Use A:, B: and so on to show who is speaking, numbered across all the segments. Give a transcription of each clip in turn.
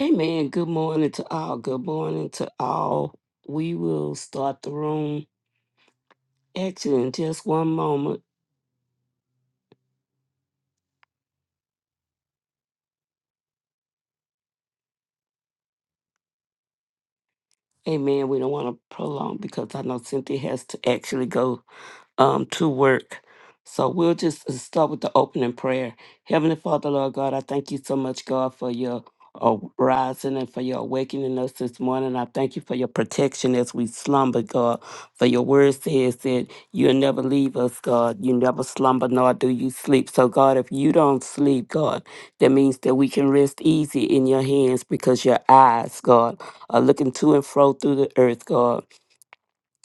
A: Amen. Good morning to all. Good morning to all. We will start the room actually in just one moment. Amen. We don't want to prolong because I know Cynthia has to actually go um, to work. So we'll just uh, start with the opening prayer. Heavenly Father, Lord God, I thank you so much, God, for your uh, rising and for your awakening us this morning. I thank you for your protection as we slumber, God. For your word says that you'll never leave us, God. You never slumber, nor do you sleep. So, God, if you don't sleep, God, that means that we can rest easy in your hands because your eyes, God, are looking to and fro through the earth, God.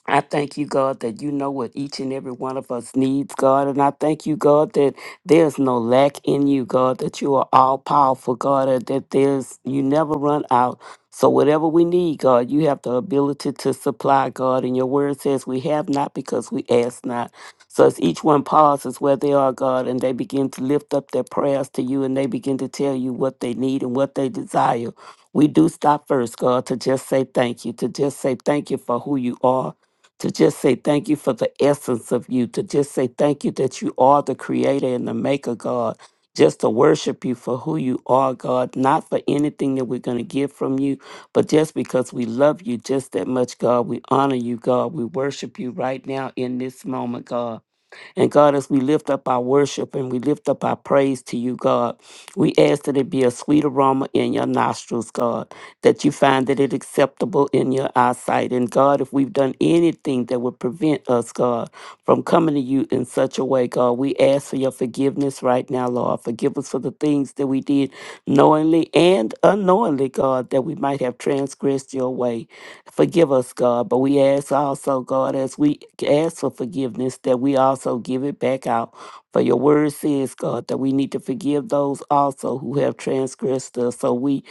A: I thank you, God, that you know what each and every one of us needs, God. And I thank you, God, that there's no lack in you, God, that you are all powerful, God, and that there's you never run out. So whatever we need, God, you have the ability to supply, God. And your word says we have not because we ask not. So as each one pauses where they are, God, and they begin to lift up their prayers to you and they begin to tell you what they need and what they desire. We do stop first, God, to just say thank you, to just say thank you for who you are to just say thank you for the essence of you, to just say thank you that you are the creator and the maker, God. Just to worship you for who you are, God, not for anything that we're going to get from you, but just because we love you just that much, God. We honor you, God. We worship you right now in this moment, God. And God, as we lift up our worship and we lift up our praise to you, God, we ask that it be a sweet aroma in your nostrils, God, that you find that it acceptable in your eyesight. And God, if we've done anything that would prevent us, God, from coming to you in such a way, God, we ask for your forgiveness right now, Lord. Forgive us for the things that we did knowingly and unknowingly, God, that we might have transgressed your way. Forgive us, God, but we ask also, God, as we ask for forgiveness, that we also give it back out. For your word says, God, that we need to forgive those also who have transgressed us. So we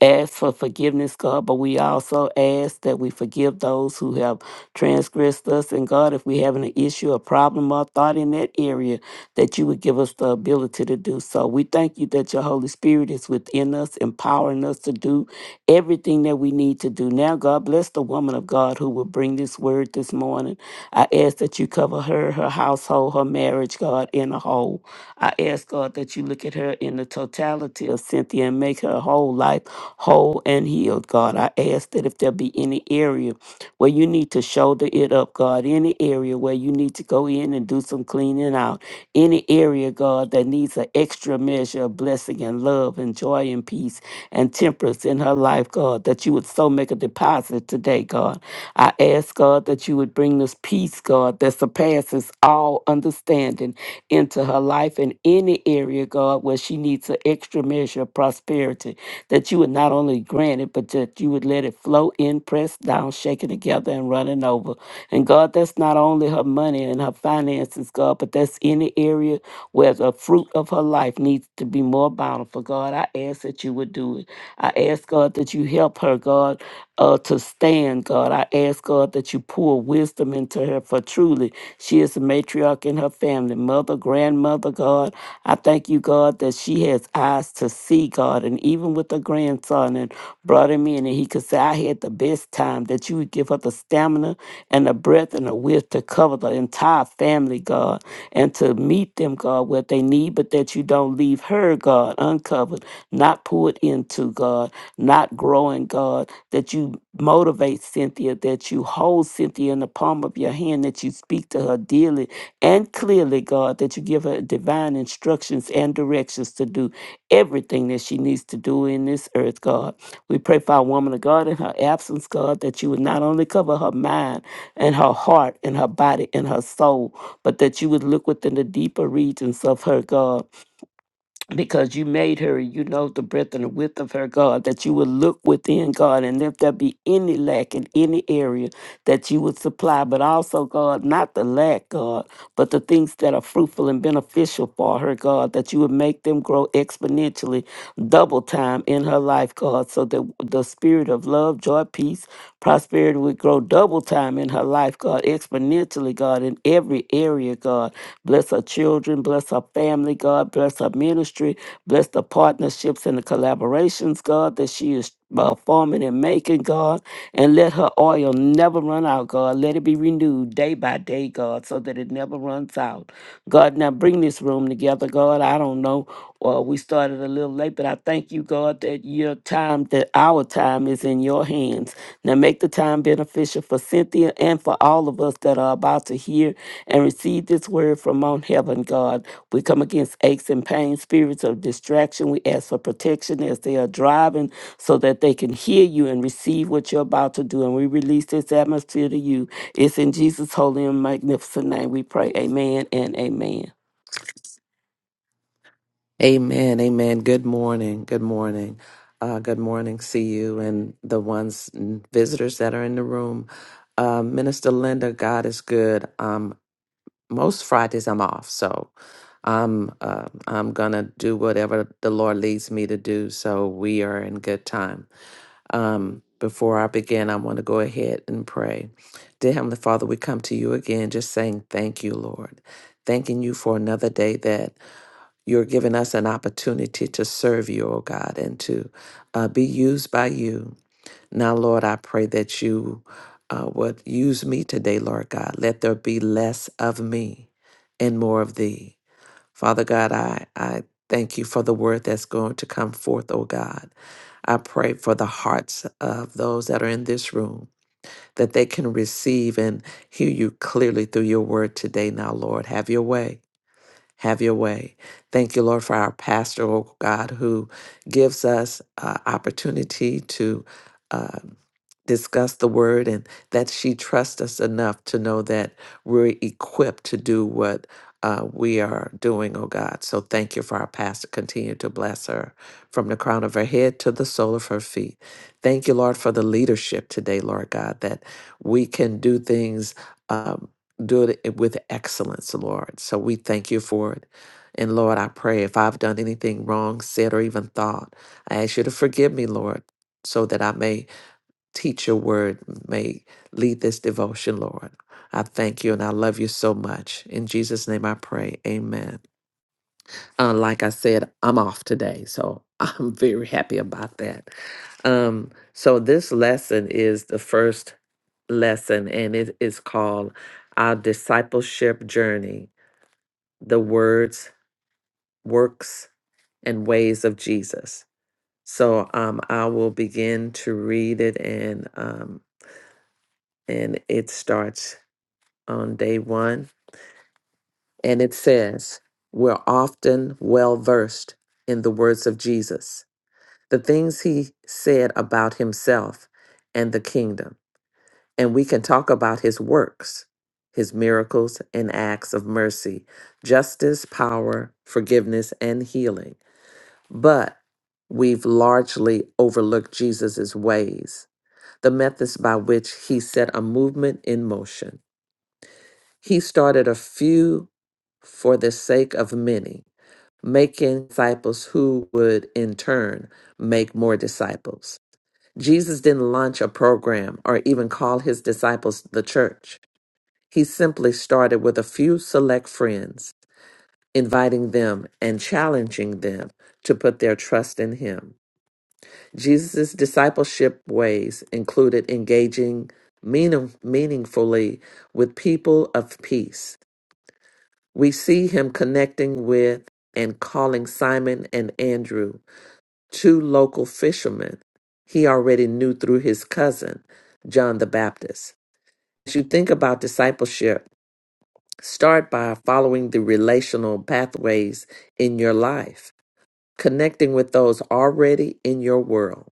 A: ask for forgiveness, God, but we also ask that we forgive those who have transgressed us. And God, if we have an issue, a problem, or thought in that area, that you would give us the ability to do so. We thank you that your Holy Spirit is within us, empowering us to do everything that we need to do. Now, God bless the woman of God who will bring this word this morning. I ask that you cover her, her household, her marriage, God, in a whole. I ask, God, that you look at her in the totality of Cynthia and make her whole life whole and healed, God. I ask that if there be any area where you need to shoulder it up, God, any area where you need to go in and do some cleaning out. Any area, God, that needs an extra measure of blessing and love and joy and peace and temperance in her life, God, that you would so make a deposit today, God. I ask, God, that you would bring this peace, God, that surpasses all understanding into her life in any area, God, where she needs an extra measure of prosperity, that you would not only grant it, but that you would let it flow in, pressed down, shaken together, and running over. And God, that's not only her money and her finances, God, but that's any area where the fruit of her life needs to be more bountiful, God. I ask that you would do it. I ask, God, that you help her, God uh, to stand, God. I ask, God, that you pour wisdom into her, for truly she is a matriarch in her family, mother, grandmother, God. I thank you, God, that she has eyes to see, God, and even with her grandson and brought him in, and he could say, I had the best time, that you would give her the stamina and the breath and the width to cover the entire family, God, and to meet them, God, what they need, but that you don't leave her, God, uncovered, not poured into, God, not growing, God that you motivate Cynthia, that you hold Cynthia in the palm of your hand, that you speak to her dearly and clearly, God, that you give her divine instructions and directions to do everything that she needs to do in this earth, God. We pray for our woman of God in her absence, God, that you would not only cover her mind and her heart and her body and her soul, but that you would look within the deeper regions of her, God because you made her, you know the breadth and the width of her, God, that you would look within, God, and if there be any lack in any area, that you would supply, but also, God, not the lack, God, but the things that are fruitful and beneficial for her, God, that you would make them grow exponentially, double time in her life, God, so that the spirit of love, joy, peace, prosperity would grow double time in her life, God, exponentially, God, in every area, God. Bless her children, bless her family, God, bless her ministry, bless the the partnerships and the collaborations, God, that she is uh, forming and making, God. And let her oil never run out, God. Let it be renewed day by day, God, so that it never runs out. God, now bring this room together, God. I don't know. Well, we started a little late, but I thank you, God, that your time, that our time is in your hands. Now make the time beneficial for Cynthia and for all of us that are about to hear and receive this word from on heaven, God. We come against aches and pains, spirits of distraction. We ask for protection as they are driving so that they can hear you and receive what you're about to do. And we release this atmosphere to you. It's in Jesus' holy and magnificent name we pray. Amen and amen.
B: Amen. Amen. Good morning. Good morning. Uh, good morning. See you and the ones visitors that are in the room. Uh, Minister Linda, God is good. Um, most Fridays I'm off, so I'm uh, I'm gonna do whatever the Lord leads me to do. So we are in good time. Um, before I begin, I want to go ahead and pray. Dear Heavenly Father, we come to you again, just saying thank you, Lord, thanking you for another day that. You're giving us an opportunity to serve you, oh God, and to uh, be used by you. Now, Lord, I pray that you uh, would use me today, Lord God. Let there be less of me and more of thee. Father God, I, I thank you for the word that's going to come forth, oh God. I pray for the hearts of those that are in this room that they can receive and hear you clearly through your word today. Now, Lord, have your way. Have your way. Thank you, Lord, for our pastor, oh God, who gives us uh, opportunity to uh, discuss the word and that she trusts us enough to know that we're equipped to do what uh, we are doing, oh God. So thank you for our pastor. Continue to bless her from the crown of her head to the sole of her feet. Thank you, Lord, for the leadership today, Lord God, that we can do things. Um, do it eh, with excellence, Lord. So we thank you for it. And Lord, I pray if I've done anything wrong, said, or even thought, I ask you to forgive me, Lord, so that I may teach your word, may lead this devotion, Lord. I thank you and I love you so much. In Jesus' name I pray. Amen. Uh, like I said, I'm off today. So I'm very happy about that. Um, so this lesson is the first lesson, and it is called Our Discipleship Journey the words, works, and ways of Jesus. So um, I will begin to read it, and um, and it starts on day one, and it says, "We're often well versed in the words of Jesus, the things he said about himself and the kingdom, and we can talk about his works." His miracles and acts of mercy, justice, power, forgiveness, and healing. but we've largely overlooked Jesus' ways, the methods by which he set a movement in motion. He started a few for the sake of many, making disciples who would in turn make more disciples. Jesus didn't launch a program or even call his disciples the church. He simply started with a few select friends, inviting them and challenging them to put their trust in him. Jesus' discipleship ways included engaging meaning, meaningfully with people of peace. We see him connecting with and calling Simon and Andrew, two local fishermen he already knew through his cousin, John the Baptist. As you think about discipleship, start by following the relational pathways in your life, connecting with those already in your world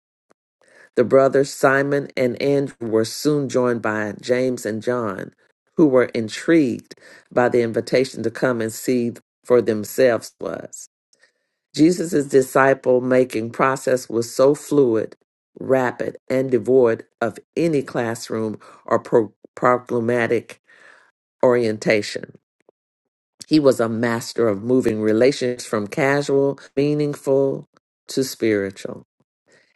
B: The brothers Simon and Andrew were soon joined by James and John, who were intrigued by the invitation to come and see for themselves was. Jesus' disciple making process was so fluid, rapid, and devoid of any classroom or pro- programmatic orientation. He was a master of moving relationships from casual, meaningful to spiritual,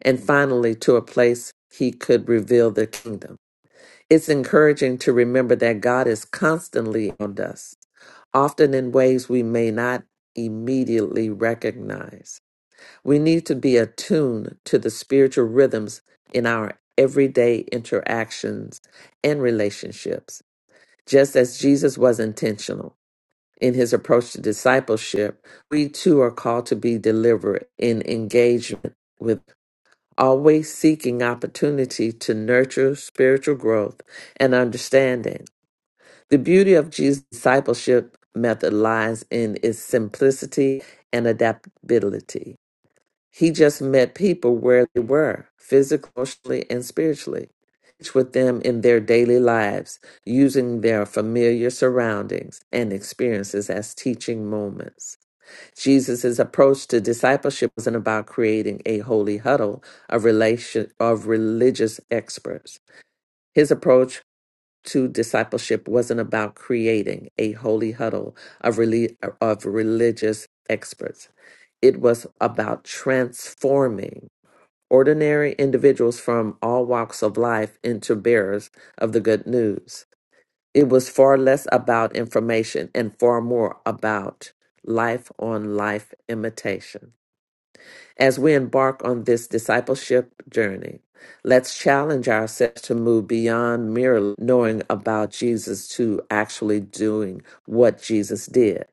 B: and finally to a place he could reveal the kingdom. It's encouraging to remember that God is constantly on us, often in ways we may not immediately recognize. We need to be attuned to the spiritual rhythms in our everyday interactions and relationships. Just as Jesus was intentional in his approach to discipleship, we too are called to be deliberate in engagement with always seeking opportunity to nurture spiritual growth and understanding. The beauty of Jesus' discipleship method lies in its simplicity and adaptability. He just met people where they were, physically, emotionally, and spiritually, each with them in their daily lives, using their familiar surroundings and experiences as teaching moments. Jesus' approach to discipleship wasn't about creating a holy huddle of relation of religious experts. His approach to discipleship wasn't about creating a holy huddle of reli- of religious experts. It was about transforming ordinary individuals from all walks of life into bearers of the good news. It was far less about information and far more about life on life imitation. As we embark on this discipleship journey, let's challenge ourselves to move beyond merely knowing about Jesus to actually doing what Jesus did.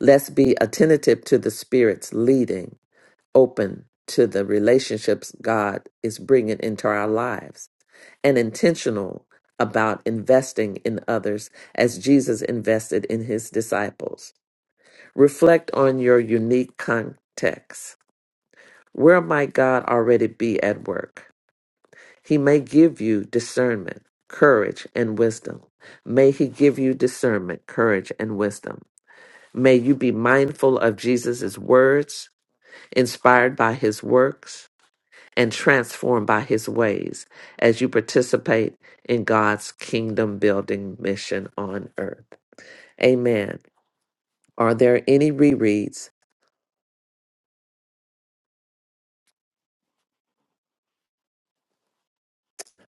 B: Let's be attentive to the Spirit's leading, open to the relationships God is bringing into our lives, and intentional about investing in others as Jesus invested in his disciples. Reflect on your unique context where might God already be at work? He may give you discernment, courage, and wisdom. May He give you discernment, courage, and wisdom. May you be mindful of Jesus' words, inspired by His works, and transformed by His ways as you participate in God's kingdom building mission on earth. Amen. Are there any rereads?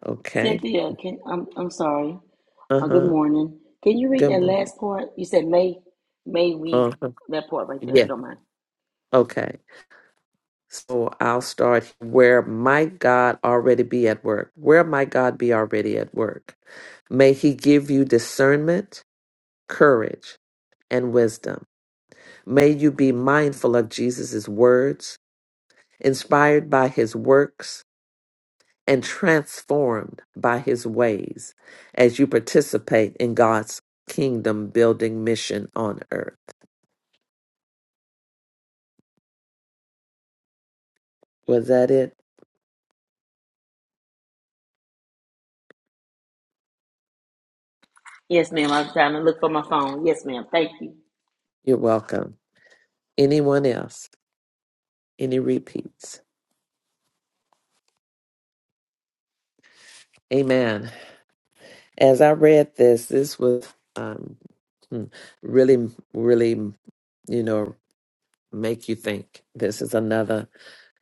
B: Okay.
C: Cynthia, can I'm I'm sorry.
B: Uh
C: Uh, good
B: huh.
C: morning. Can you read
B: Good
C: that
B: morning.
C: last part? You said may may we
B: Uh huh.
C: that part right there, if
B: Yeah.
C: you don't mind.
B: Okay. So I'll start where might God already be at work? Where might God be already at work? May He give you discernment, courage, and wisdom. May you be mindful of Jesus' words, inspired by His works, and transformed by His ways as you participate in God's kingdom building mission on earth. Was that it?
C: Yes, ma'am. I was trying to look for my phone. Yes, ma'am. Thank you.
B: You're welcome. Anyone else? Any repeats? Amen. As I read this, this was um, hmm, really, really, you know, make you think. This is another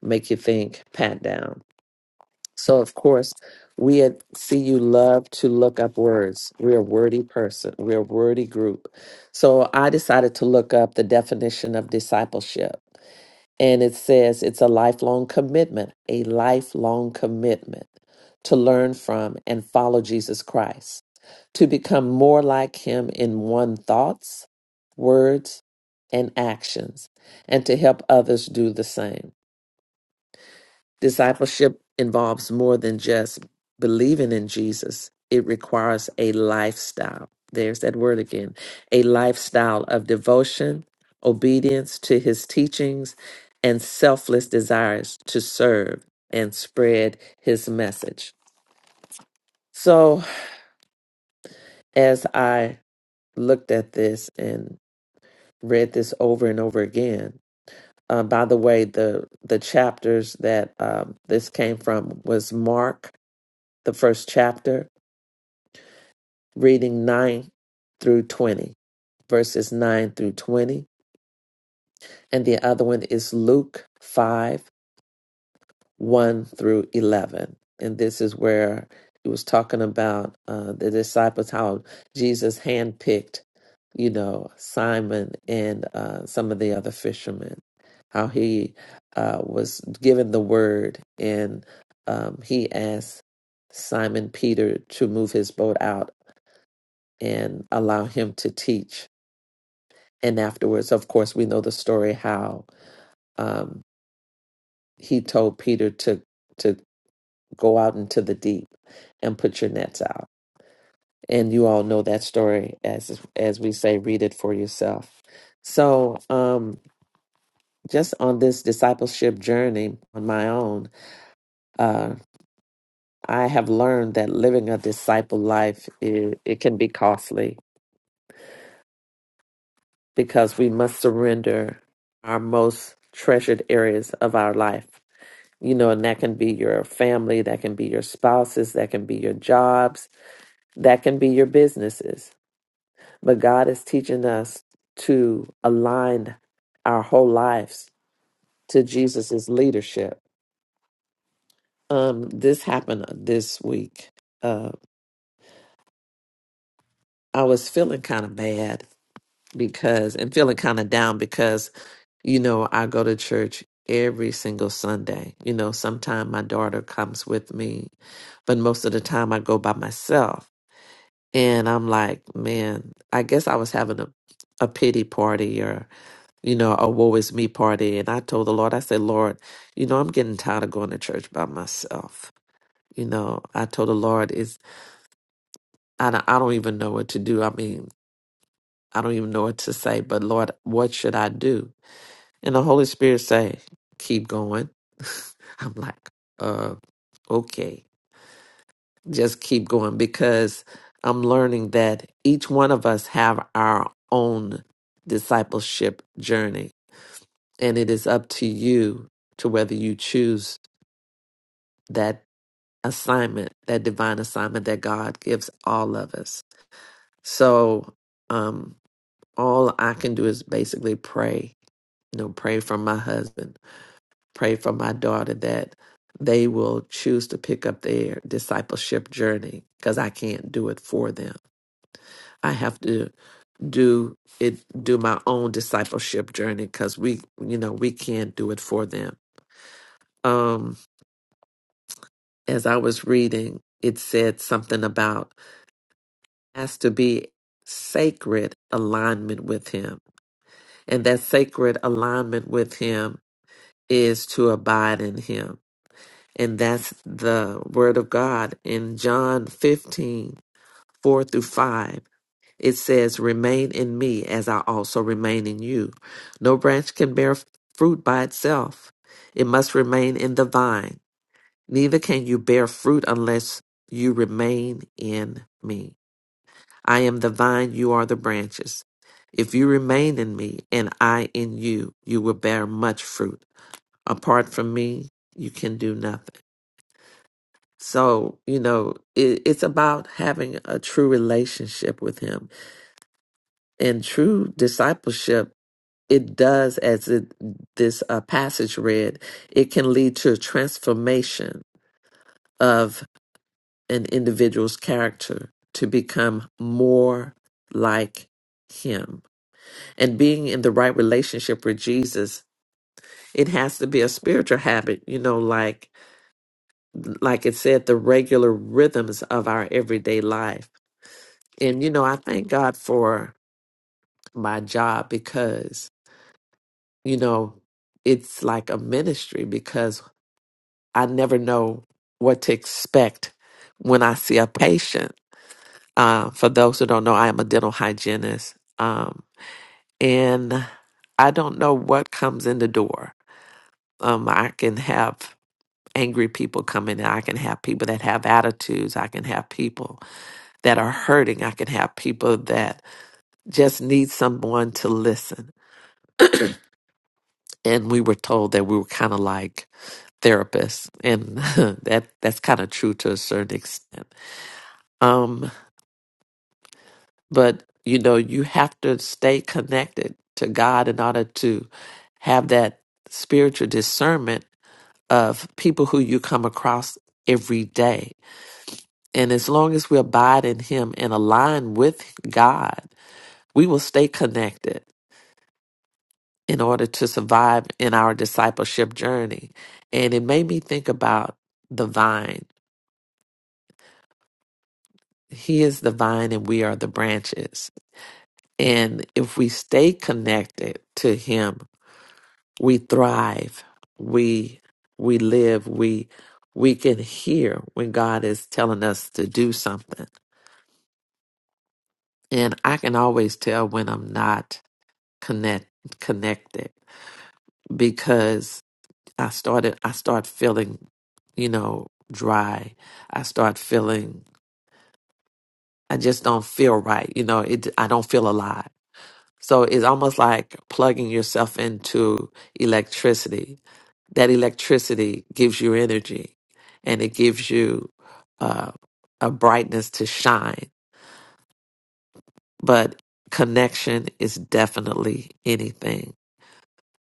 B: make you think pat down. So, of course, we at CU love to look up words. We're a wordy person, we're a wordy group. So, I decided to look up the definition of discipleship. And it says it's a lifelong commitment, a lifelong commitment to learn from and follow Jesus Christ to become more like Him in one thoughts, words, and actions, and to help others do the same. Discipleship involves more than just believing in Jesus, it requires a lifestyle. There's that word again a lifestyle of devotion, obedience to His teachings, and selfless desires to serve and spread His message. So, as I looked at this, and read this over and over again. Uh, by the way, the the chapters that um, this came from was Mark, the first chapter, reading nine through twenty, verses nine through twenty, and the other one is Luke five one through eleven, and this is where he was talking about uh, the disciples how Jesus handpicked you know, Simon and uh, some of the other fishermen, how he uh, was given the word and um, he asked Simon Peter to move his boat out and allow him to teach. And afterwards, of course, we know the story how um, he told Peter to to go out into the deep and put your nets out. And you all know that story as as we say, read it for yourself. So, um, just on this discipleship journey on my own, uh, I have learned that living a disciple life it, it can be costly because we must surrender our most treasured areas of our life. You know, and that can be your family, that can be your spouses, that can be your jobs, that can be your businesses. But God is teaching us to align our whole lives to Jesus's leadership Um, this happened uh, this week. Uh, I was feeling kind of bad because, and feeling kind of down because, you know, I go to church every single Sunday. You know, sometimes my daughter comes with me, but most of the time I go by myself. And I'm like, man, I guess I was having a, a pity party or, you know, a woe is me party. And I told the Lord, I said, Lord, you know, I'm getting tired of going to church by myself. You know, I told the Lord, I don't, I don't even know what to do. I mean, I don't even know what to say, but Lord, what should I do? And the Holy Spirit say, keep going. I'm like, uh, okay, just keep going because I'm learning that each one of us have our own discipleship journey and it is up to you to whether you choose that assignment, that divine assignment that God gives all of us. So, um. all I can do is basically pray, you know, pray for my husband, pray for my daughter that they will choose to pick up their discipleship journey because I can't do it for them. I have to do it, do my own discipleship journey because we, you know, we can't do it for them. Um, as I was reading, it said something about has to be sacred alignment with him, and that sacred alignment with him is to abide in him. And that's the word of God. In John 15:4 through 5, it says, Remain in me as I also remain in you. No branch can bear f- fruit by itself, it must remain in the vine. Neither can you bear fruit unless you remain in me. I am the vine, you are the branches. If you remain in me and I in you, you will bear much fruit apart from me, you can do nothing. So, you know, it, it's about having a true relationship with Him. And true discipleship, it does, as it, this uh, passage read, it can lead to a transformation of an individual's character to become more like Him. And being in the right relationship with Jesus, it has to be a spiritual habit, you know, like like it said, the regular rhythms of our everyday life. And, you know, I thank God for my job because, you know, it's like a ministry because I never know what to expect when I see a patient. Uh, for those who don't know, I am a dental hygienist. Um, and I don't know what comes in the door. Um, I can have angry people come in, I can have people that have attitudes, I can have people that are hurting. I can have people that just need someone to listen. And we were told that we were kind of like therapists, and that that's kind of true to a certain extent. Um, but you know, you have to stay connected to God in order to have that spiritual discernment of people who you come across every day. And as long as we abide in Him and align with God, we will stay connected in order to survive in our discipleship journey. And it made me think about the vine. He is the vine and we are the branches. And if we stay connected to him, we thrive. We we live. We we can hear when God is telling us to do something. And I can always tell when I'm not connect connected because. I started I start feeling, you know, dry. I start feeling I just don't feel right. You know, it I don't feel alive. So it's almost like plugging yourself into electricity. That electricity gives you energy and it gives you uh, a brightness to shine. But connection is definitely anything.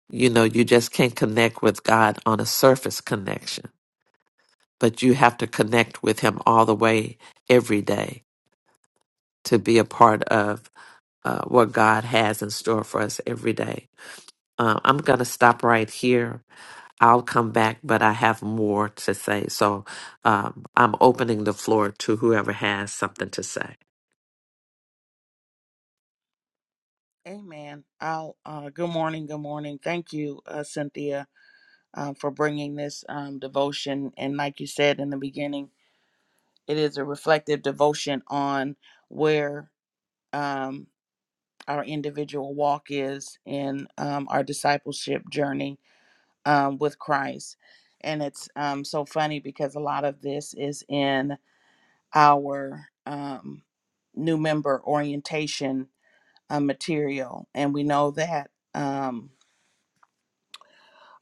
B: You know, you just can't connect with God on a surface connection but you have to connect with him all the way every day to be a part of uh, what God has in store for us every day. Uh, I'm going to stop right here. I'll come back, but I have more to say. So um, I'm opening the floor to whoever has something to say.
D: Amen. I'll, uh, good morning. Good morning. Thank you, uh, Cynthia, um, for bringing this um, devotion. And like you said in the beginning, it is a reflective devotion on where um, our individual walk is in um, our discipleship journey um, with Christ. And it's um, so funny because a lot of this is in our um, new member orientation uh, material. And we know that. Um,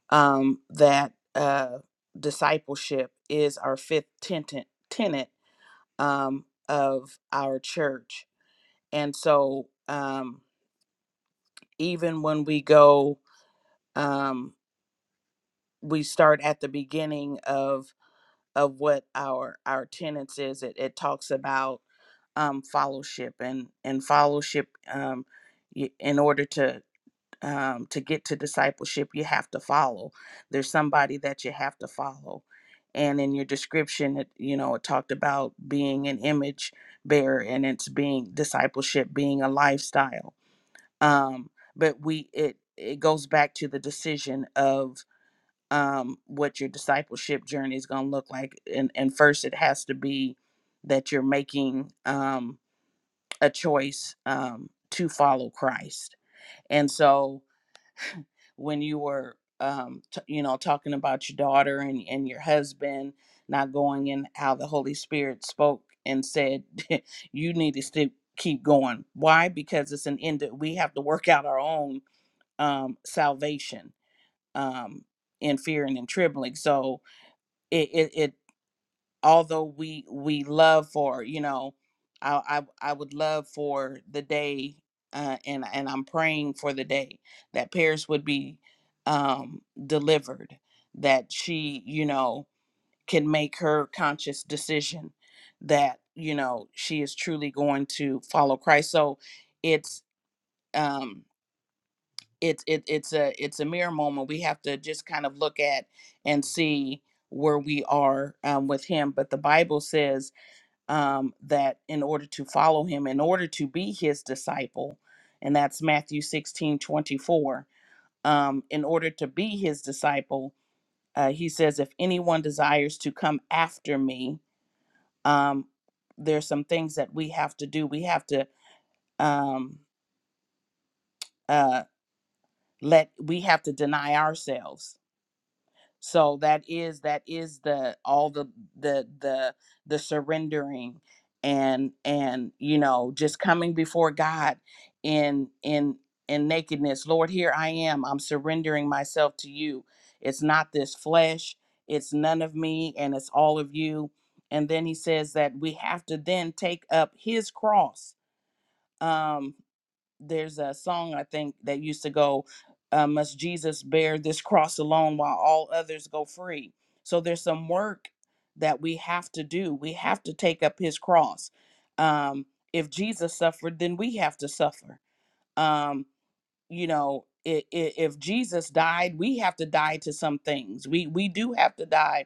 D: um, that uh, discipleship is our fifth tenet, tenet um, of our church. And so, um, even when we go, um, we start at the beginning of of what our our tenets is. It, it talks about um, fellowship and and fellowship um, y- in order to um, to get to discipleship, you have to follow. There's somebody that you have to follow. And in your description, it, you know, it talked about being an image bearer and it's being discipleship, being a lifestyle. Um, but we, it, it goes back to the decision of um, what your discipleship journey is going to look like. And, and first, it has to be that you're making um, a choice um, to follow Christ. And so, when you were um t- you know talking about your daughter and and your husband not going and how the holy spirit spoke and said you need to still keep going why because it's an end that we have to work out our own um salvation um in fear and in trembling so it it it although we we love for you know i i, I would love for the day uh, and and i'm praying for the day that paris would be um delivered that she you know can make her conscious decision that you know she is truly going to follow christ so it's um it's it, it's a it's a mirror moment we have to just kind of look at and see where we are um, with him but the bible says um, that in order to follow him, in order to be his disciple, and that's Matthew 16 24. um, in order to be his disciple, uh, he says, If anyone desires to come after me, um, there's some things that we have to do. We have to um, uh, let, we have to deny ourselves so that is that is the all the the the the surrendering and and you know just coming before god in in in nakedness lord here i am i'm surrendering myself to you it's not this flesh it's none of me and it's all of you and then he says that we have to then take up his cross um there's a song I think that used to go, uh, "Must Jesus bear this cross alone while all others go free?" So there's some work that we have to do. We have to take up His cross. Um, if Jesus suffered, then we have to suffer. Um, you know, i i if Jesus died, we have to die to some things. We we do have to die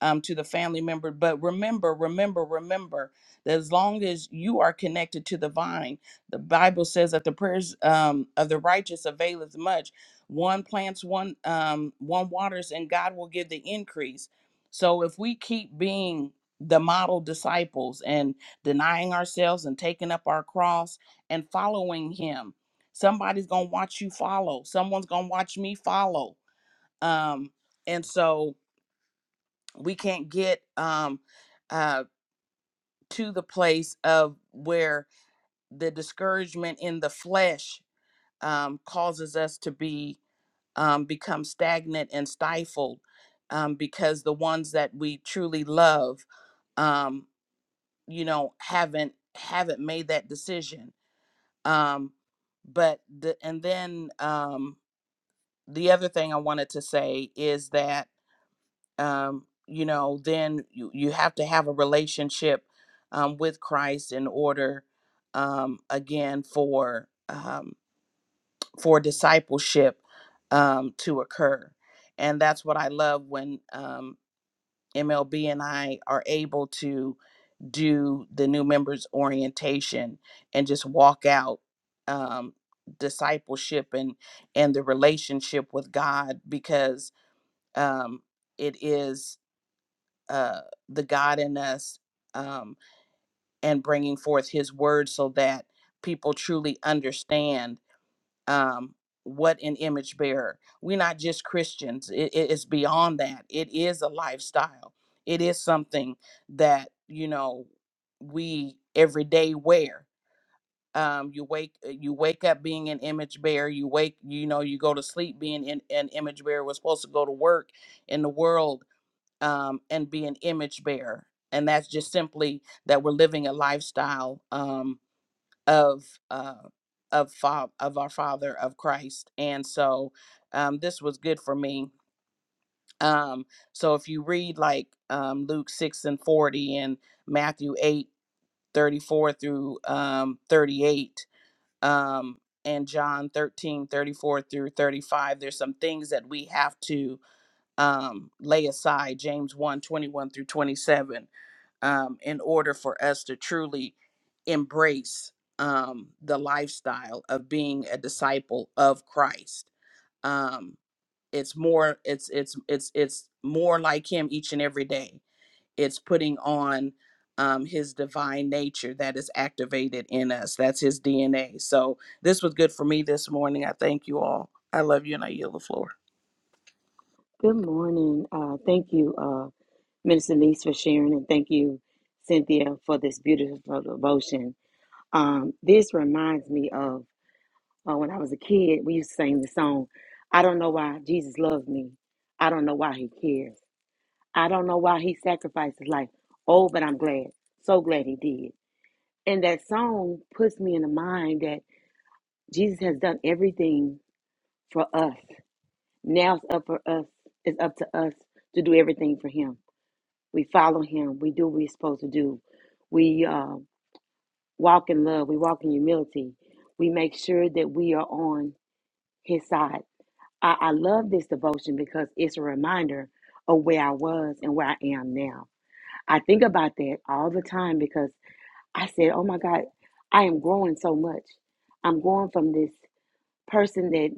D: um, to the family member. But remember, remember, remember that as long as you are connected to the vine, the Bible says that the prayers um, of the righteous availeth much. One plants, one um, one waters, and God will give the increase. So if we keep being the model disciples and denying ourselves and taking up our cross and following Him, somebody's gonna watch you follow. Someone's gonna watch me follow. Um, and so we can't get um uh to the place of where the discouragement in the flesh um causes us to be um become stagnant and stifled um because the ones that we truly love um you know haven't haven't made that decision um but the and then um the other thing i wanted to say is that um, you know, then you, you have to have a relationship um, with Christ in order, um, again, for um, for discipleship um, to occur. And that's what I love when um, MLB and I are able to do the new members orientation and just walk out um, discipleship and and the relationship with God because um, it is uh, the God in us um, and bringing forth His word so that people truly understand um, what an image bearer. We're not just Christians, it, it is beyond that. It is a lifestyle, it is something that, you know, we every day wear. Um, you wake uh, you wake up being an image bearer you wake you know you go to sleep being in, an image bearer we're supposed to go to work in the world um, and be an image bearer. And that's just simply that we're living a lifestyle um, of uh, of fa- of our Father of Christ. And so um, this was good for me. Um, so if you read like um, Luke six and forty and Matthew eight thirty four through um, thirty eight. Um, and John 13 34 through 35, there's some things that we have to um, lay aside. James one 21 through 27 um, in order for us to truly embrace um, the lifestyle of being a disciple of Christ. Um, it's more it's it's it's it's more like him each and every day. It's putting on um, his divine nature that is activated in us. That's his DNA. So this was good for me this morning. I thank you all. I love you and I yield the floor.
C: Good morning. Uh, thank you, uh, Minister Niece, for sharing, and thank you, Cynthia, for this beautiful devotion. Um, this reminds me of uh, when I was a kid. We used to sing the song, "I don't know why Jesus loves me. I don't know why He cares." I don't know why he sacrificed his life. Oh, but I'm glad. So glad he did. And that song puts me in the mind that Jesus has done everything for us. Now it's up for us, it's up to us to do everything for him. We follow him. We do what we're supposed to do. We uh, walk in love. We walk in humility. We make sure that we are on his side. I, I love this devotion because it's a reminder of where I was and where I am now. I think about that all the time because I said, oh my God, I am growing so much. I'm going from this person that,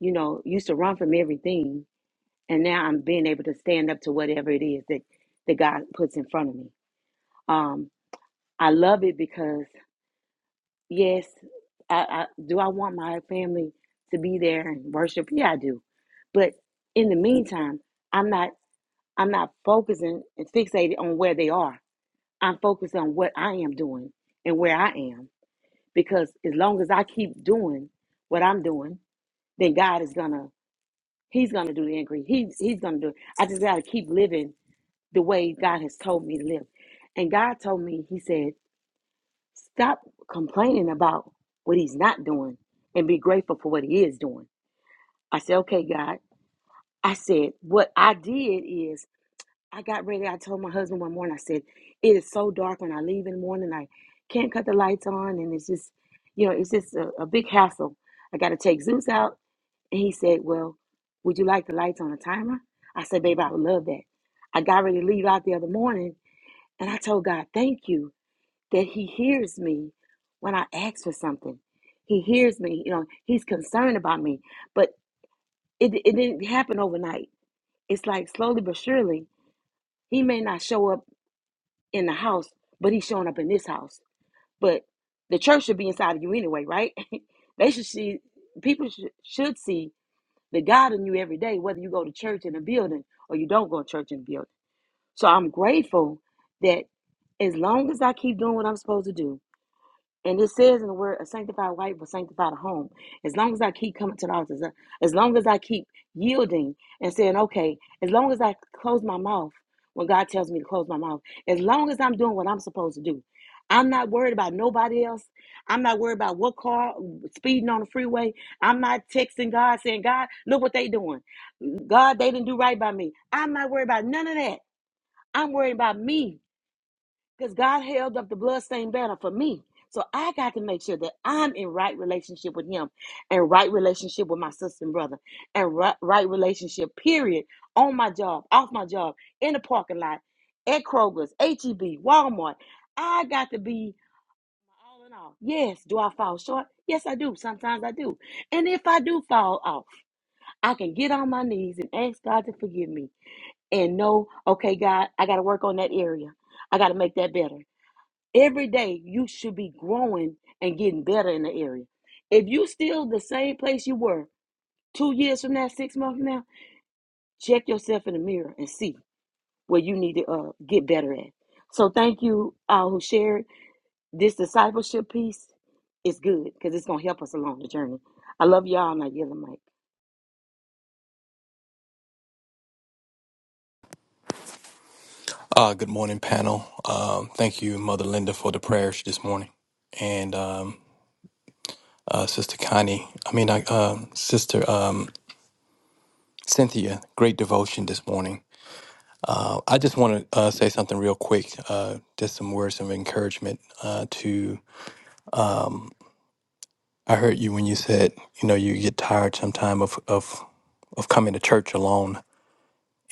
C: you know, used to run from everything. And now I'm being able to stand up to whatever it is that, that God puts in front of me. Um, I love it because, yes, I, I, do I want my family to be there and worship? Yeah, I do. But in the meantime, I'm not I'm not focusing and fixated on where they are. I'm focused on what I am doing and where I am. Because as long as I keep doing what I'm doing, then God is gonna He's gonna do the increase. He's He's gonna do it. I just gotta keep living the way God has told me to live. And God told me, He said, stop complaining about what He's not doing and be grateful for what He is doing. I said, Okay, God. I said, what I did is I got ready. I told my husband one morning, I said, it is so dark when I leave in the morning. I can't cut the lights on. And it's just, you know, it's just a, a big hassle. I got to take Zeus out. And he said, well, would you like the lights on a timer? I said, babe, I would love that. I got ready to leave out the other morning. And I told God, thank you that he hears me when I ask for something. He hears me, you know, he's concerned about me. But it, it didn't happen overnight. It's like slowly but surely, he may not show up in the house, but he's showing up in this house. But the church should be inside of you anyway, right? they should see people should, should see the God in you every day, whether you go to church in a building or you don't go to church in a building. So I'm grateful that as long as I keep doing what I'm supposed to do, and it says in the word, a sanctified wife will sanctify the home. As long as I keep coming to the altar, as as long as I keep yielding and saying, okay, as long as I close my mouth when God tells me to close my mouth, as long as I'm doing what I'm supposed to do, I'm not worried about nobody else. I'm not worried about what car speeding on the freeway. I'm not texting God saying, God, look what they doing. God, they didn't do right by me. I'm not worried about none of that. I'm worried about me because God held up the bloodstained banner for me. So I got to make sure that I'm in right relationship with Him and right relationship with my sister and brother and right, right relationship, period, on my job, off my job, in the parking lot, at Kroger's, HEB, Walmart. I got to be all in all. Yes, do I fall short? Yes, I do. Sometimes I do. And if I do fall off, I can get on my knees and ask God to forgive me and know, okay, God, I got to work on that area. I got to make that better. Every day you should be growing and getting better in the area. If you still the same place you were two years from now, six months from now, check yourself in the mirror and see where you need to uh, get better at. So thank you all who shared this discipleship piece. It's good because it's gonna help us along the journey. I love y'all and I yell the mic.
E: Uh, good morning, panel. Um, thank you, Mother Linda, for the prayers this morning, and um, uh, Sister Connie. I mean, I, um Sister um, Cynthia. Great devotion this morning. Uh, I just want to uh, say something real quick. Uh, just some words of encouragement. Uh, to I heard you when you said, you know, you get tired sometime of of of coming to church alone,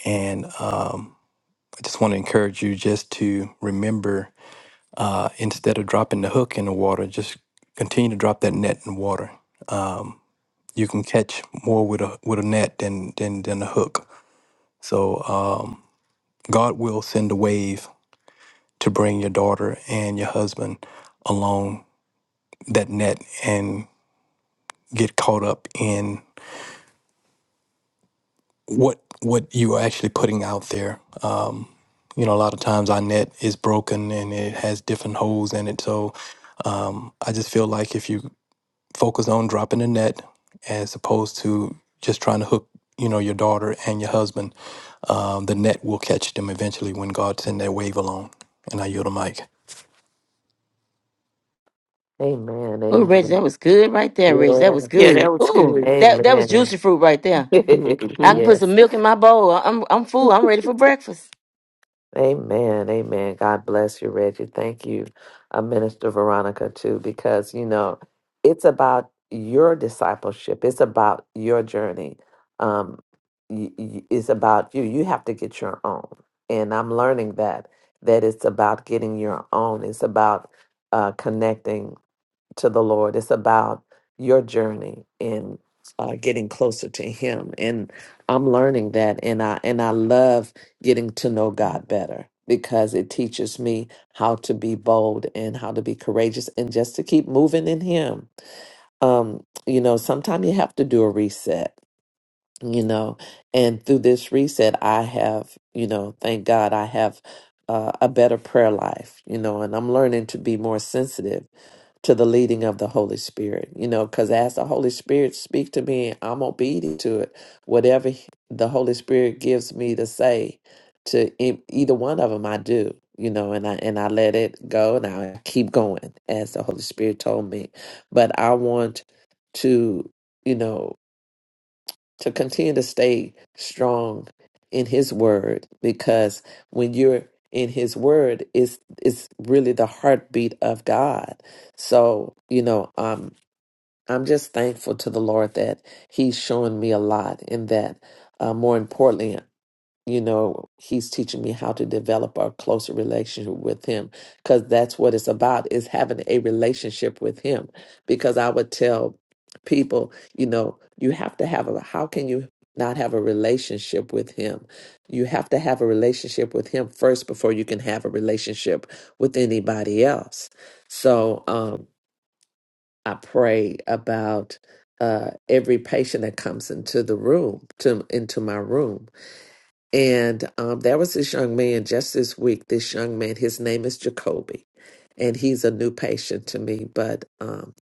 E: and um, I just want to encourage you just to remember uh, instead of dropping the hook in the water, just continue to drop that net in water. Um, you can catch more with a with a net than than than a hook. So um, God will send a wave to bring your daughter and your husband along that net and get caught up in what what you are actually putting out there. Um, you know, a lot of times our net is broken and it has different holes in it. So um, I just feel like if you focus on dropping the net as opposed to just trying to hook you know your daughter and your husband um, the net will catch them eventually when god send that wave along and i yield the mic
B: Amen.
C: Oh, Reggie,
B: Amen.
C: that was good right there, Reggie. That was
A: Yeah,
B: Yes.
A: that
C: good.
A: was
C: Ooh,
A: good.
C: that that was
B: Amen.
C: juicy fruit right there. I
A: hmm
C: can put
B: yes.
C: some milk in my bowl. I'm I'm full. I'm ready for breakfast.
B: Amen. Amen. God bless you, Reggie. Thank you, uh, Minister Veronica, too, because, you know, it's about your discipleship, it's about your journey. Um, y- y- it's about you. You have to get your own. And I'm learning that, that it's about getting your own. It's about uh, connecting to the Lord. It's about your journey in uh, getting closer to Him, and I'm learning that, and I and I love getting to know God better because it teaches me how to be bold and how to be courageous and just to keep moving in Him. Um, you know, sometimes you have to do a reset. You know, and through this reset, I have, you know, thank God, I have uh, a better prayer life. You know, and I'm learning to be more sensitive to the leading of the Holy Spirit, you know, because as the Holy Spirit speak to me, I'm obedient to it. Whatever he- the Holy Spirit gives me to say to e- either one of them, I do, you know, and I and I let it go and I keep going as the Holy Spirit told me. But I want to, you know to continue to stay strong in his word because when you're in his word is is really the heartbeat of God. So, you know, um I'm just thankful to the Lord that he's showing me a lot in that uh, more importantly you know he's teaching me how to develop a closer relationship with him because that's what it's about is having a relationship with him because i would tell people you know you have to have a how can you not have a relationship with him you have to have a relationship with him first before you can have a relationship with anybody else so um i pray about uh every patient that comes into the room to into my room and um, there was this young man just this week. This young man, his name is Jacoby, and he's a new patient to me. But um,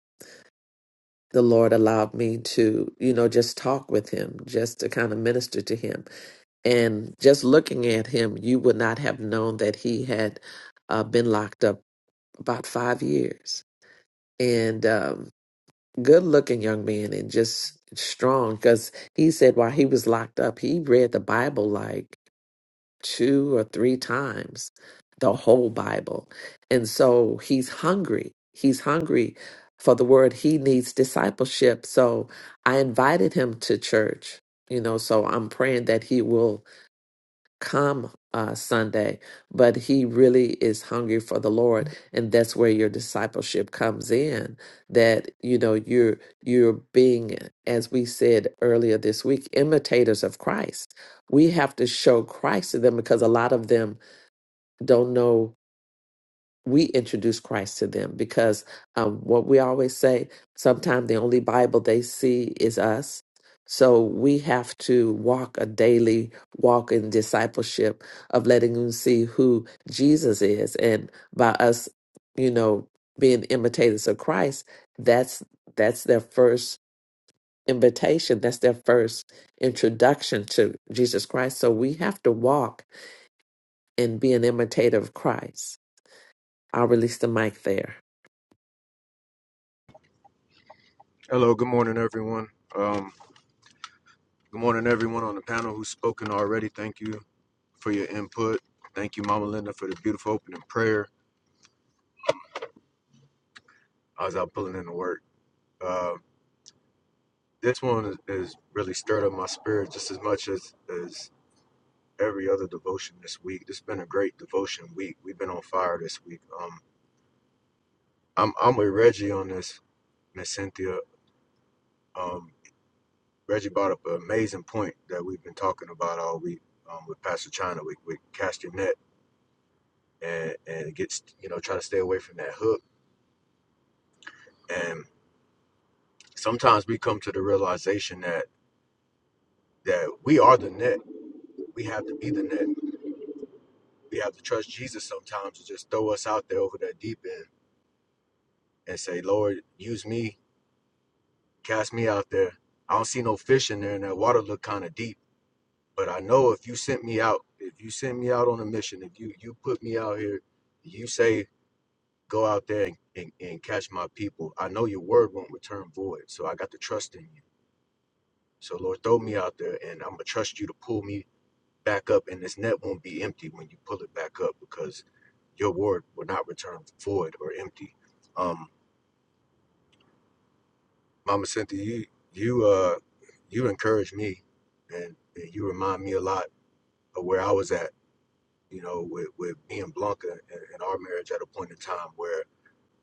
B: the Lord allowed me to, you know, just talk with him, just to kind of minister to him. And just looking at him, you would not have known that he had uh, been locked up about five years. And um, good looking young man and just strong because he said while he was locked up, he read the Bible like. two or three times the whole Bible. And so he's hungry. He's hungry for the word. He needs discipleship. So I invited him to church, you know, so I'm praying that he will come uh, Sunday, but he really is hungry for the Lord, and that's where your discipleship comes in. That you know you're you're being, as we said earlier this week, imitators of Christ. We have to show Christ to them because a lot of them don't know we introduce Christ to them because um, what we always say, sometimes the only Bible they see is us. So we have to walk a daily walk in discipleship of letting them see who Jesus is. And by us, you know, being imitators of Christ, that's that's their first invitation. That's their first introduction to Jesus Christ. So we have to walk and be an imitator of Christ. I'll release the mic there.
F: Hello, good morning, everyone. Um, good morning, everyone on the panel who's spoken already. Thank you for your input. Thank you, Mama Linda, for the beautiful opening prayer. I was out pulling in the work. Uh, this one is, really stirred up my spirit just as much as, as every other devotion this week. It's been a great devotion week. We've been on fire this week. Um, I'm, I'm with Reggie on this, Miss Cynthia. Um, Reggie brought up an amazing point that we've been talking about all week um, with Pastor China. We, we cast your net and and gets you know try to stay away from that hook and sometimes we come to the realization that that we are the net we have to be the net we have to trust jesus sometimes to just throw us out there over that deep end and say lord use me cast me out there i don't see no fish in there and that water look kind of deep but i know if you sent me out if you sent me out on a mission if you you put me out here you say go out there and, and, and catch my people i know your word won't return void so i got to trust in you So Lord, throw me out there and I'm gonna trust you to pull me back up and this net won't be empty when you pull it back up because your word will not return void or empty. Um, Mama Cynthia, you you uh you encourage me and, and you remind me a lot of where I was at, you know, with, with me and Blanca and, and our marriage at a point in time where,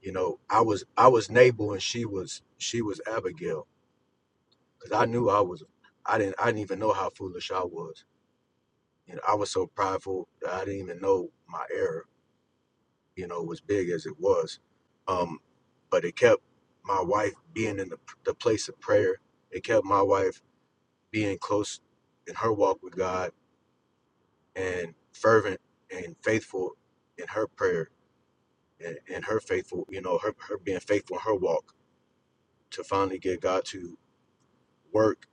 F: you know, I was I was Nabal and she was she was Abigail because I knew I was I didn't I didn't even know how foolish I was You know, I was so prideful that I didn't even know my error, you know, was big as it was. Um, but it kept my wife being in the, the place of prayer. It kept my wife being close in her walk with God and fervent and faithful in her prayer and, and her faithful, you know, her, her being faithful in her walk to finally get God to work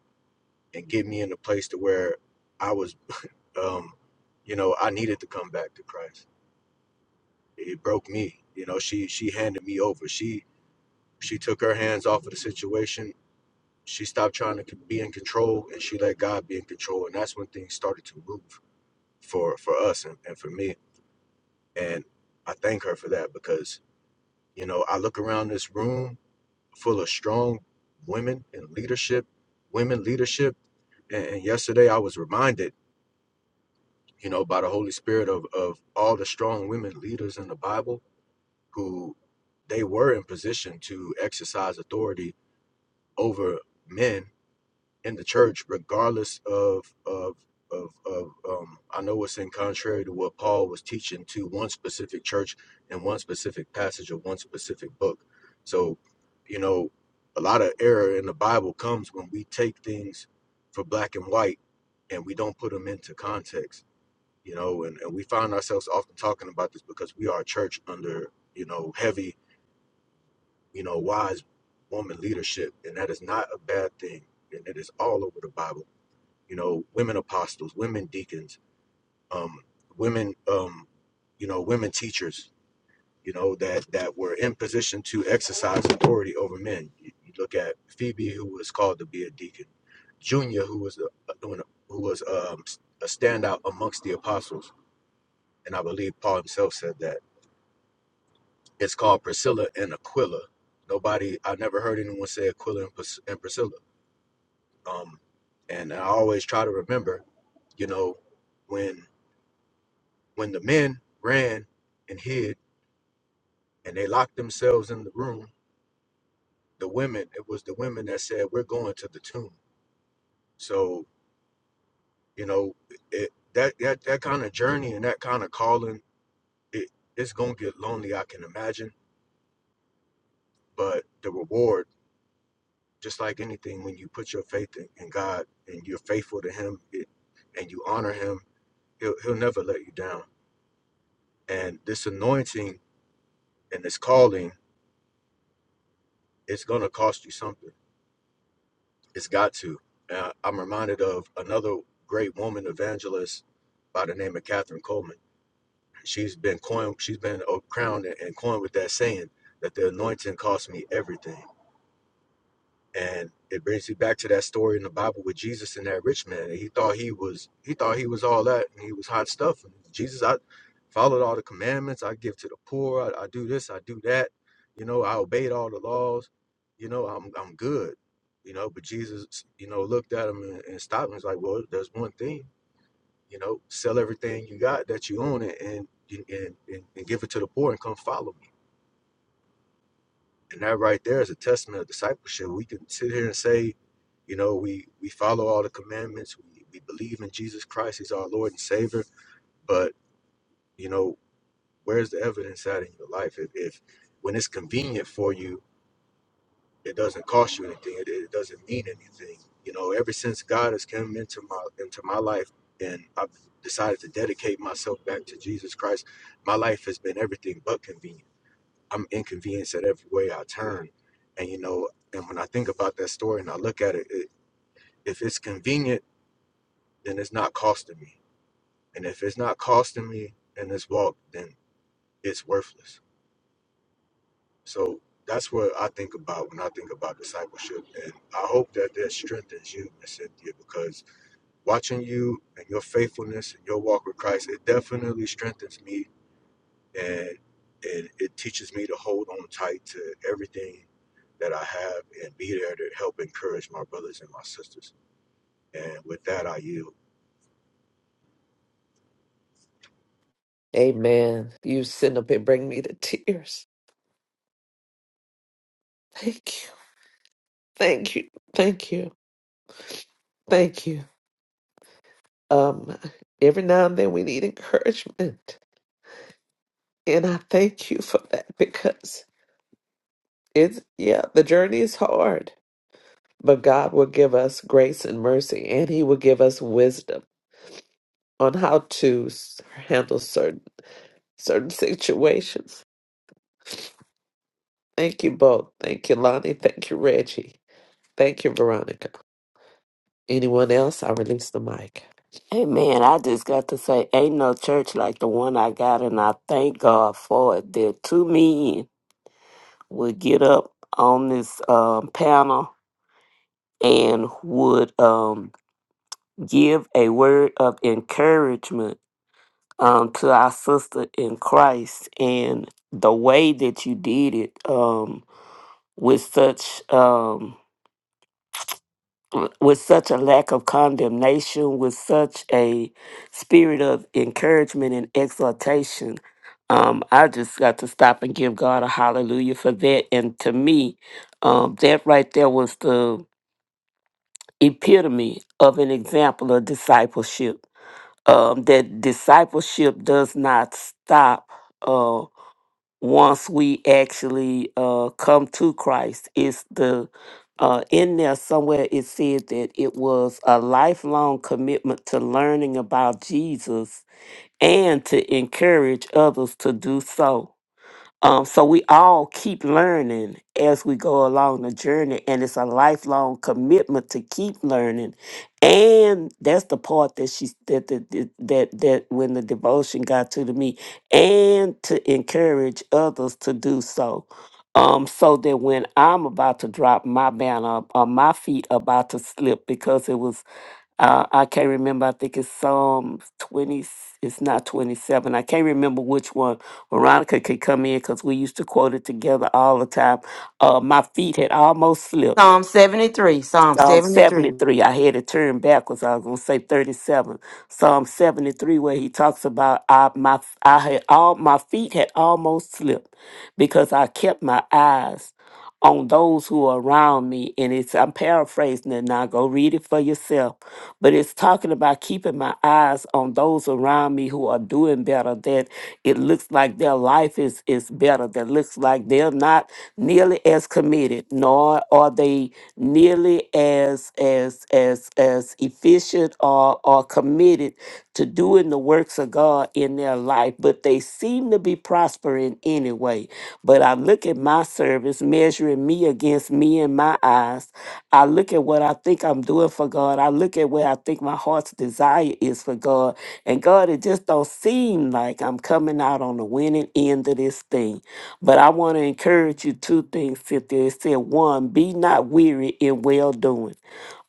F: and get me in a place to where I was, um, you know, I needed to come back to Christ it broke me. You know, she she handed me over. She she took her hands off of the situation. She stopped trying to c- be in control, and she let God be in control. And that's when things started to move for for us and, and for me. And I thank her for that because you know I look around this room full of strong women in leadership, women leadership. And, and yesterday I was reminded, you know, by the Holy Spirit of of all the strong women leaders in the Bible who they were in position to exercise authority over men in the church, regardless of of of, of um, I know it's in contrary to what Paul was teaching to one specific church and one specific passage or one specific book. So, you know, a lot of error in the Bible comes when we take things for black and white and we don't put them into context. You know, and, and we find ourselves often talking about this because we are a church under, you know, heavy you know, wise woman leadership, and that is not a bad thing, and it is all over the Bible. You know, women apostles, women deacons, um, women, um, you know, women teachers, you know, that that were in position to exercise authority over men. You, you look at Phoebe, who was called to be a deacon, Junior, who was a, who was um, a standout amongst the apostles, and I believe Paul himself said that. It's called Priscilla and Aquila. Nobody, I never heard anyone say Aquila and Pris- and Priscilla Um, and I always try to remember, you know, when when the men ran and hid and they locked themselves in the room, the women it was the women that said, "We're going to the tomb." So you know, it that that that kind of journey and that kind of calling, it it's gonna get lonely. I can imagine, but the reward, just like anything, when you put your faith in, in God and you're faithful to Him, it, and you honor Him, He'll He'll never let you down. And this anointing and this calling, it's going to cost you something. It's got to. Uh, I'm reminded of another great woman evangelist by the name of Catherine Coleman. She's been coined, she's been uh, crowned and and coined with that saying that the anointing cost me everything. And it brings me back to that story in the Bible with Jesus and that rich man. And He thought he was he thought he was all that and he was hot stuff. And Jesus, I followed all the commandments, I give to the poor, I, I do this, I do that, you know, I obeyed all the laws, you know, I'm I'm good. You know, but Jesus, you know, looked at him and, and stopped him. He's like, Well, there's one thing, you know, sell everything you got that you own it and and, and and give it to the poor and come follow me and that right there is a testament of discipleship. We can sit here and say, you know, we we follow all the commandments, we, we believe in Jesus Christ, He's our Lord and Savior, but you know, where's the evidence at in your life? If, if when it's convenient for you, it doesn't cost you anything, it, it doesn't mean anything. You know, ever since God has come into my into my life and I've decided to dedicate myself back to Jesus Christ, my life has been everything but convenient I'm inconvenienced at every way I turn. And you know, and when I think about that story and I look at it, it if it's convenient, then it's not costing me. And if it's not costing me in this walk, then it's worthless. So that's what I think about when I think about discipleship. And I hope that that strengthens you, Miss Cynthia, because watching you and your faithfulness and your walk with Christ, it definitely strengthens me and and it teaches me to hold on tight to everything that I have and be there to help encourage my brothers and my sisters. And with that, I yield.
B: Amen. You sit up and bring me to tears. Thank you. Thank you. Thank you. Thank you. Um, every now and then we need encouragement. And I thank you for that because it's, yeah, the journey is hard, but God will give us grace and mercy and He will give us wisdom on how to s- handle certain, certain situations. Thank you both. Thank you, Lonnie. Thank you, Reggie. Thank you, Veronica. Anyone else? I release the mic.
A: Amen. I just got to say, ain't no church like the one I got, and I thank God for it. That two men would get up on this um, panel and would. Um, give a word of encouragement um, to our sister in Christ and the way that you did it um, with such um, w- with such a lack of condemnation, with such a spirit of encouragement and exhortation. Um, I just got to stop and give God a hallelujah for that. And to me, um, that right there was the epitome of an example of discipleship um, that discipleship does not stop uh, once we actually uh, come to Christ. It's the uh, in there somewhere it said that it was a lifelong commitment to learning about Jesus and to encourage others to do so. Um, so we all keep learning as we go along the journey, and it's a lifelong commitment to keep learning. And that's the part that she that that that that, that when the devotion got to, to me, and to encourage others to do so. Um, so that when I'm about to drop my banner or my feet about to slip because it was uh, I can't remember. I think it's Psalm 20. It's not 27. I can't remember which one. Veronica could come in because we used to quote it together all the time. Uh, my feet had almost slipped.
C: Psalm 73. Psalm
A: Psalm
C: 73.
A: 73. I had to turn backwards. I was going to say 37. Psalm 73, where he talks about I, my, I had all, my feet had almost slipped because I kept my eyes on those who are around me. And it's, I'm paraphrasing it now. Go read it for yourself but it's talking about keeping my eyes on those around me who are doing better that it looks like their life is is better that looks like they're not nearly as committed nor are they nearly as as as as efficient or or committed to doing the works of God in their life, but they seem to be prospering anyway. But I look at my service, measuring me against me and my eyes. I look at what I think I'm doing for God. I look at where I think my heart's desire is for God. And God, it just don't seem like I'm coming out on the winning end of this thing. But I want to encourage you two things, Cynthia. It said, one, be not weary in well doing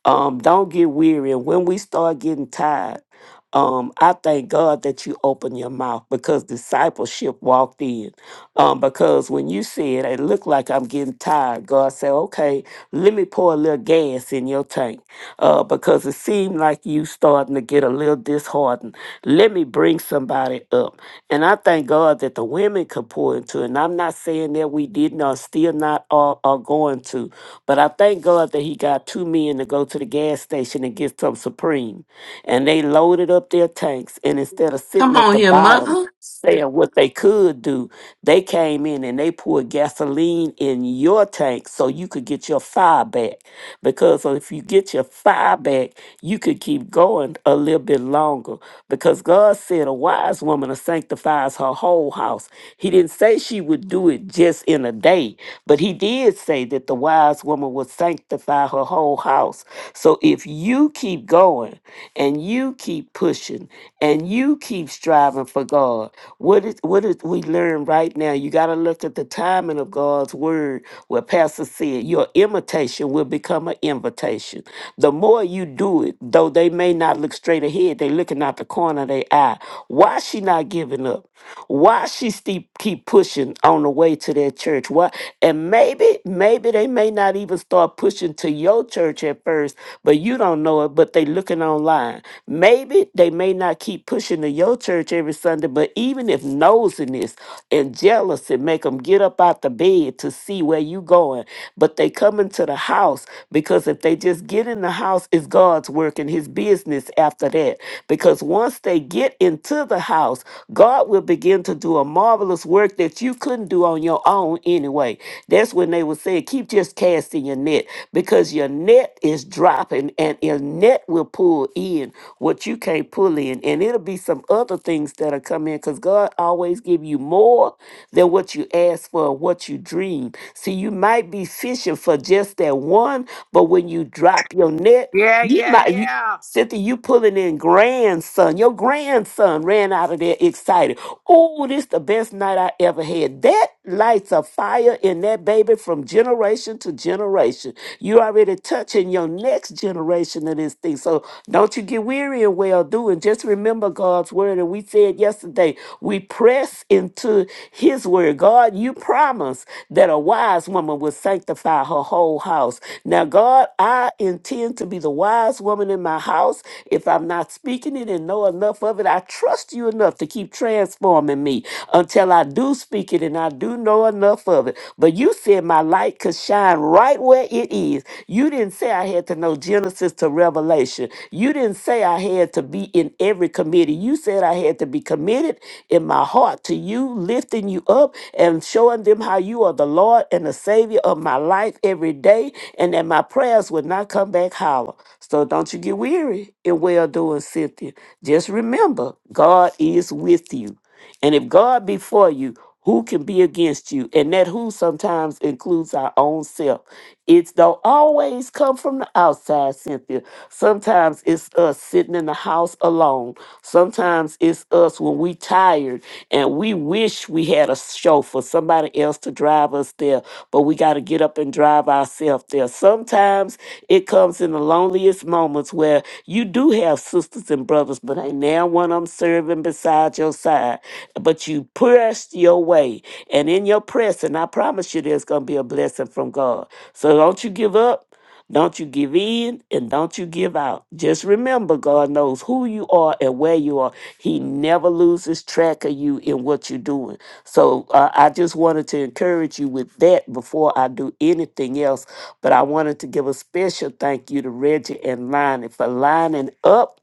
A: um, don't get weary. And when we start getting tired, um, I thank God that you opened your mouth because discipleship walked in. Um, because when you said it looked like I'm getting tired, God said, "Okay, let me pour a little gas in your tank." Uh, because it seemed like you starting to get a little disheartened. Let me bring somebody up, and I thank God that the women could pour into. it. And I'm not saying that we did not, still not are, are going to, but I thank thank God that he got two men to go to the gas station and get some Supreme. And they loaded up their tanks. And instead of sitting
C: Come
A: at
C: on
A: the
C: here,
A: bottom
C: mother.
A: saying what they could do, they came in and they poured gasoline in your tank so you could get your fire back. Because if you get your fire back, you could keep going a little bit longer. Because God said a wise woman sanctifies her whole house. He didn't didn't say she would do it just in a day, but he did say that the wise woman would sanctify her whole house. So if you keep going and you keep pushing and you keep striving for God, what is what is we learn right now? You got to look at the timing of God's word. Where Pastor said, your imitation will become an invitation. The more you do it, though they may not look straight ahead, They they looking out the corner of their eye. Why she not giving up? Why she still keep pushing on the way to their church? Why? And maybe, maybe they may not even start pushing to your church at first, but you don't know it. But they looking online. Maybe they may not keep pushing to your church every Sunday, but even if nosiness and jealousy make them get up out the bed to see where you going, but they coming to the house house because if they just get in the house, it's God's work and His business after that. Because once they get into the house, God will begin to do a marvelous work that you couldn't do on your own anyway. That's when they would say, keep just casting your net because your net is dropping and your net will pull in what you can't pull in. And it'll be some other things that'll come in because God always give you more than what you ask for or what you dream. See, you might be fishing for just that one, but when you drop your net,
D: Yeah,
A: you
D: yeah,
A: might you
D: yeah.
A: Cynthia, you pulling in grandson. Your grandson ran out of there excited. Oh, this the best night I ever had. That lights a fire in that baby from generation to generation. You already touching your next generation of this thing. So don't you get weary in well doing. Just remember God's word. And we said yesterday, we press into his word, God, you promised that a wise woman would sanctify her whole house. Now, God, I intend to be the wise woman in my house. If I'm not speaking it and know enough of it, I trust you enough to keep transforming me until I do speak it and I do know enough of it. But you said my light could shine right where it is. You didn't say I had to to know Genesis to Revelation. You didn't say I had to be in every committee. You said I had to be committed in my heart to you, lifting you up and showing them how you are the Lord and the Savior of my life every day, and that my prayers would not come back hollow. So don't you get weary in well doing, Cynthia. Just remember, God is with you. And if God be for you, who can be against you? And that who sometimes includes our own self. It's don't always come from the outside, Cynthia. Sometimes it's us sitting in the house alone. Sometimes it's us when we tired and we wish we had a chauffeur, somebody else to drive drive us there, but we got to get up and drive ourselves there. Sometimes it comes in the loneliest moments where you do have sisters and brothers, but ain't now one of them serving beside your side. But you pressed your way, and in your pressing, I promise you, there's going to be a blessing from God. So don't you give up. Don't you give in and don't you give out. Just remember, God knows who you are and where you are. He never loses track of you in what you're doing. So uh, I just wanted to encourage you with that before I do anything else. But I wanted to give a special thank you to Reggie and Lonnie for lining up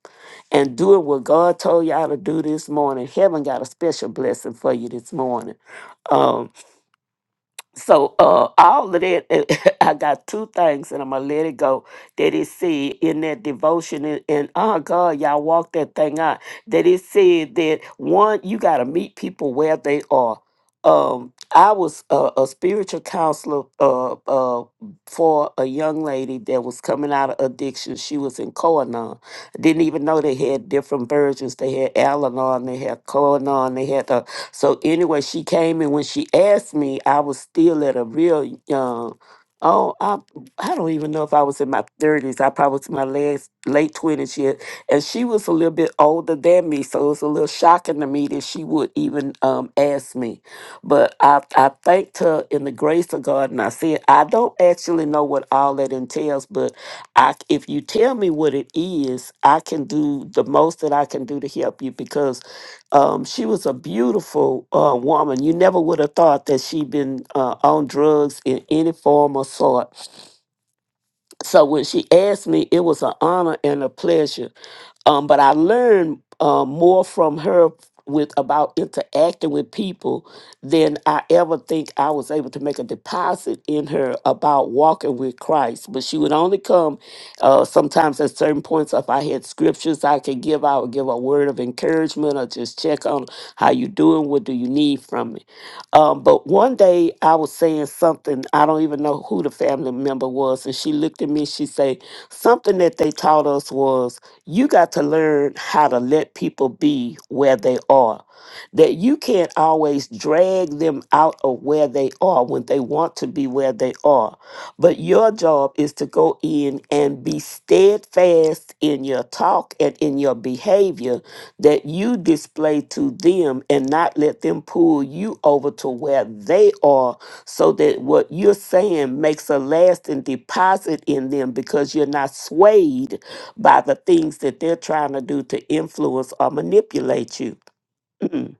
A: and doing what God told y'all to do this morning. Heaven got a special blessing for you this morning. Um, so uh, all of that, I got two things, and I'm gonna let it go. That it said in that devotion, and, and oh God, y'all walk that thing out. That it said that one, you gotta meet people where they are. Um, I was uh, a spiritual counselor. Uh, uh, for a young lady that was coming out of addiction. She was in Koanon. I didn't even know they had different versions. They had Al-Anon, they had Koanon, they had the. So anyway, she came and when she asked me, I was still at a real young. Oh, I I don't even know if I was in my thirties. I probably was in my last late twenties yet, and she was a little bit older than me, so it was a little shocking to me that she would even um, ask me. But I, I thanked her in the grace of God, and I said, I don't actually know what all that entails, but I, c- if you tell me what it is, I can do the most that I can do to help you because um, she was a beautiful uh, woman. You never would have thought that she'd been uh, on drugs in any form or sort. So when she asked me, it was an honor and a pleasure. Um, but I learned uh, more from her with about interacting with people than I ever think I was able to make a deposit in her about walking with Christ. But she would only come uh, sometimes at certain points. If I had scriptures I could give, I would give a word of encouragement or just check on how you doing. What do you need from me? Um, but one day I was saying something, I don't even know who the family member was, and she looked at me, she said, something that they taught us was you got to learn how to let people be where they are. That you can't always drag them out of where they are when they want to be where they are. But your job is to go in and be steadfast in your talk and in your behavior that you display to them and not let them pull you over to where they are so that what you're saying makes a lasting deposit in them because you're not swayed by the things that they're trying to do to influence or manipulate you. Mm-mm.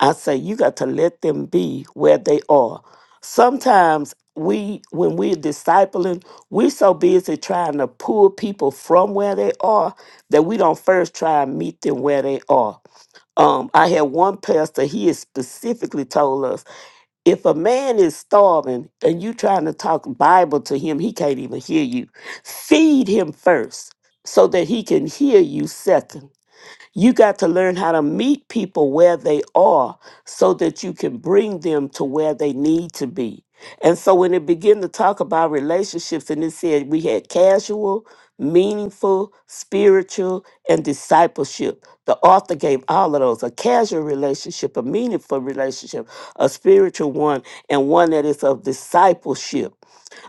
A: I say you got to let them be where they are. Sometimes we when we're discipling, we're so busy trying to pull people from where they are that we don't first try and meet them where they are um, I had one pastor, he has specifically told us if a man is starving and you trying to talk Bible to him, he can't even hear you. Feed him first so that he can hear you second. You got to learn how to meet people where they are so that you can bring them to where they need to be. And so when it began to talk about relationships, and it said we had casual, meaningful, spiritual, and discipleship. The author gave all of those a casual relationship, a meaningful relationship, a spiritual one, and one that is of discipleship.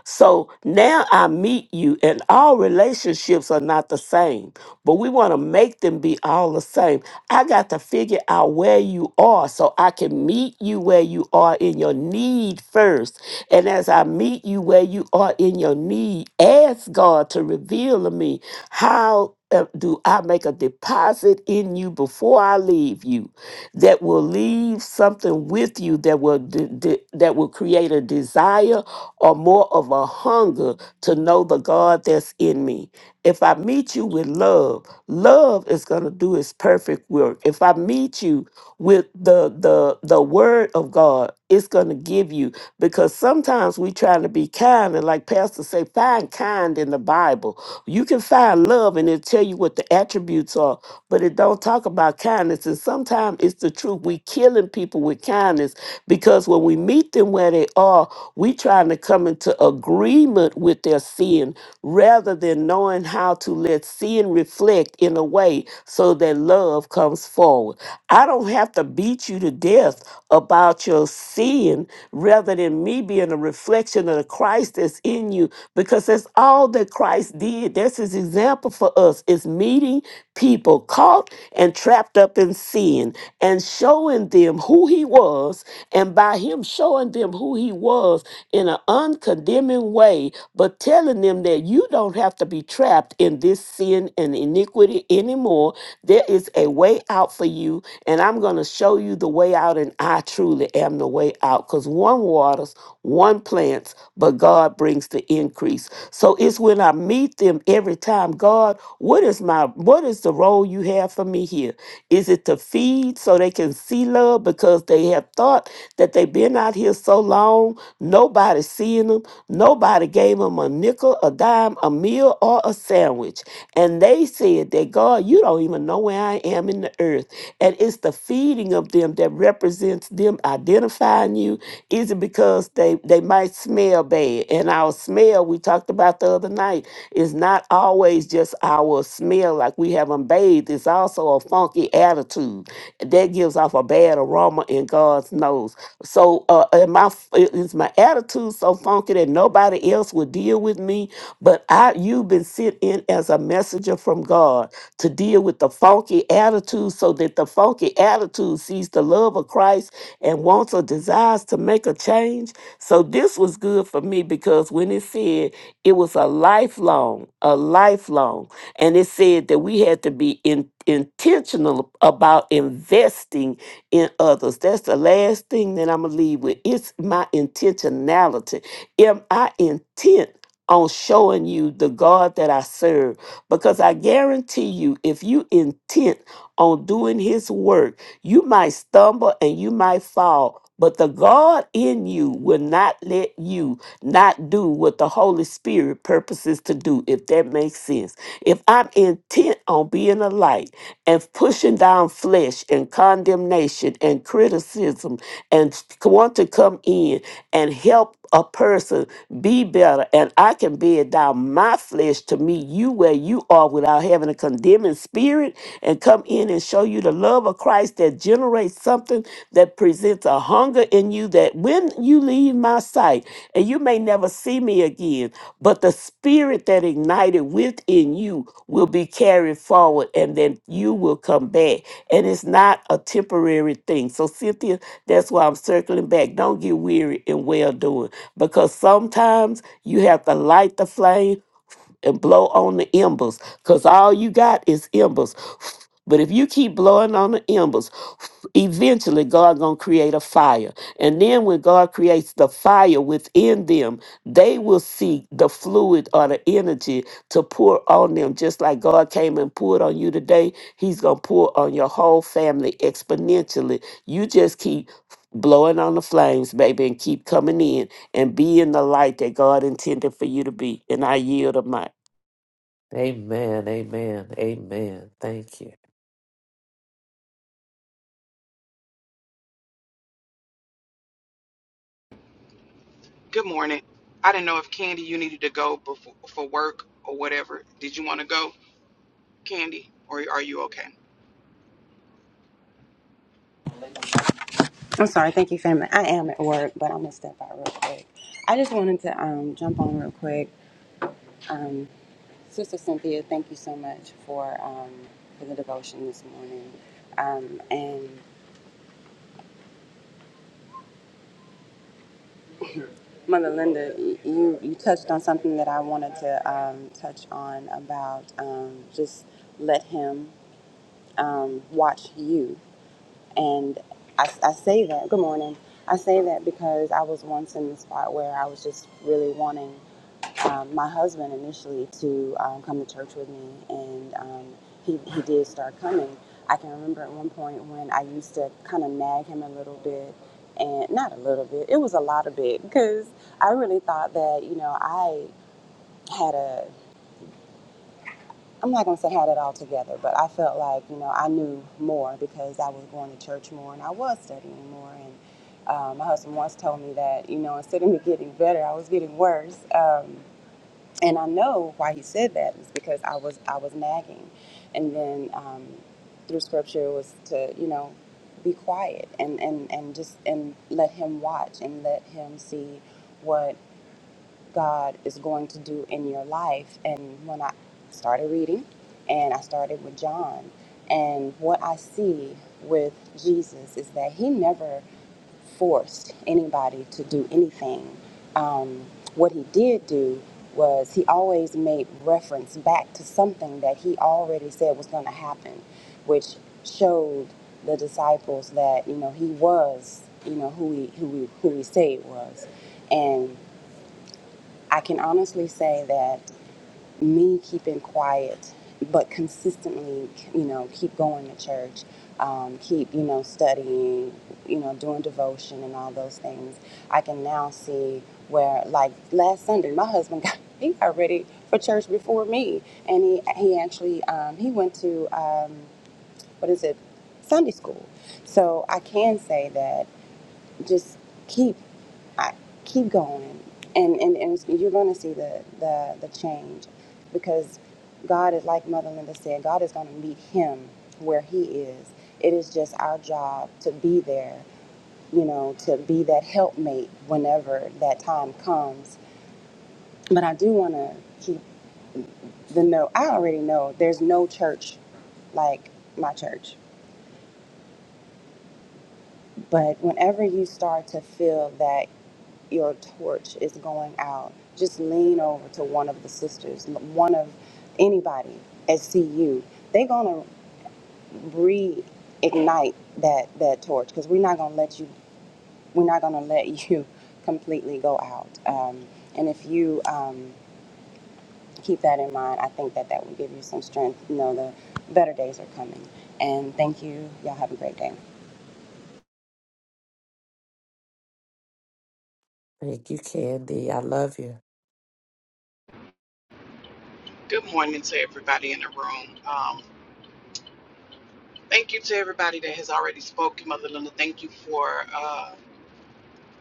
A: So now I meet you, and all relationships are not the same, but we want to make them be all the same. I got to figure out where you are so I can meet you where you are in your need first. And as I meet you where you are in your need, ask God to reveal to me how uh, do I make a deposit in you before I leave you that will leave something with you that will de- de- that will create a desire or more of a hunger to know the God that's in me. If I meet you with love, love is going to do its perfect work. If I meet you with the the the word of God, it's going to give you because sometimes we trying to be kind and like pastor say find kind in the Bible you can find love and it'll tell you what the attributes are, but it don't talk about kindness. And sometimes it's the truth. We killing people with kindness because when we meet them where they are, we trying to come into agreement with their sin rather than knowing how to let sin reflect in a way so that love comes forward. I don't have to beat you to death about your sin rather than me being a reflection of the Christ that's in you because that's all that Christ did. That's his example for us is meeting people caught and trapped up in sin and showing them who he was and by him showing them who he was in an uncondemning way, but telling them that you don't have to be trapped in this sin and iniquity anymore, there is a way out for you. And I'm going to show you the way out. And I truly am the way out because one waters, one plants, but God brings the increase. So it's when I meet them every time, God, what is my, what is the role you have for me here? Is it to feed so they can see love because they have thought that they been out here so long, nobody seeing them, nobody gave them a nickel, a dime, a meal, or a sandwich. And they said that God, you don't even know where I am in the earth. And it's the feeding of them that represents them identifying you. Is it because they, they might smell bad? And our smell, we talked about the other night, is not always just our smell like we haven't bathed. It's also a funky attitude. That gives off a bad aroma in God's nose. So uh, and my is my attitude so funky that nobody else would deal with me, but I you've been sent in as a messenger from God to deal with the funky attitude, so that the funky attitude sees the love of Christ and wants or desires to make a change. So this was good for me because when it said it was a lifelong, a lifelong, and it said that we had to be in, intentional about investing in others. That's the last thing that I'm going to leave with. It's my intentionality. Am I intent on showing you the God that I serve? Because I guarantee you, if you intent on doing his work, you might stumble and you might fall. But the God in you will not let you not do what the Holy Spirit purposes to do, if that makes sense. If I'm intent on being a light, and pushing down flesh and condemnation and criticism and want to come in and help a person be better and I can bear down my flesh to meet you where you are without having a condemning spirit and come in and show you the love of Christ that generates something that presents a hunger in you that when you leave my sight, and you may never see me again, but the spirit that ignited within you will be carried forward and then you will come back. And it's not a temporary thing. So, Cynthia, that's why I'm circling back. Don't get weary in well doing because sometimes you have to light the flame and blow on the embers because all you got is embers. But if you keep blowing on the embers, eventually God gonna create a fire. And then when God creates the fire within them, they will see the fluid or the energy to pour on them. Just like God came and poured on you today, He's gonna pour on your whole family exponentially. You just keep blowing on the flames, baby, and keep coming in and be in the light that God intended for you to be. And I yield a mic.
B: Amen. Amen. Amen. Thank you.
G: Good morning. I didn't know if Candy, you needed to go before for work or whatever. Did you want to go, Candy, or are you okay?
H: I'm sorry. Thank you, family. I am at work, but I'm gonna step out real quick. I just wanted to um, jump on real quick. Um, Sister Cynthia, thank you so much for um, for the devotion this morning. Um, and Mother Linda, y- you you touched on something that I wanted to um, touch on about um, just let Him um, watch you. And I, I say that. Good morning. I say that because I was once in the spot where I was just really wanting. um, my husband initially to um, come to church with me, and um, he, he did start coming. I can remember at one point when I used to kind of nag him a little bit, and not a little bit, it was a lot of bit, because I really thought that, you know, I had a, I'm not going to say had it all together, but I felt like, you know, I knew more because I was going to church more and I was studying more. And um, my husband once told me that, you know, instead of me getting better, I was getting worse. Um, and I know why he said that is because I was I was nagging, and then um, through scripture was to you know be quiet and and and just and let him watch and let him see what. God is going to do in your life. And when I started reading, and I started with John, and what I see with Jesus is that he never forced anybody to do anything. Um, what he did do was he always made reference back to something that he already said was going to happen, which showed the disciples that you know he was you know who he who he, who he said he was, and I can honestly say that me keeping quiet, but consistently, you know, keep going to church, um, keep, you know, studying, you know, doing devotion and all those things. I can now see where, like last Sunday, my husband got he got ready for church before me, and he he actually um, he went to um, what is it Sunday school. So I can say that just keep I keep going and and, and it's- you're going to see the, the the change because god is like mother linda said god is going to meet him where he is it is just our job to be there you know to be that helpmate whenever that time comes but i do want to keep the note i already know there's no church like my church but whenever you start to feel that your torch is going out, just lean over to one of the sisters, one of anybody at CU. They're gonna reignite that that torch because we're not gonna let you. We're not gonna let you completely go out. Um, and if you um, keep that in mind, I think that that will give you some strength. You know, the better days are coming. And thank you. Y'all have a great day.
B: Thank you, Candy. I love you.
G: Good morning to everybody in the room. Um, thank you to everybody that has already spoken, Mother Linda. Thank you for uh,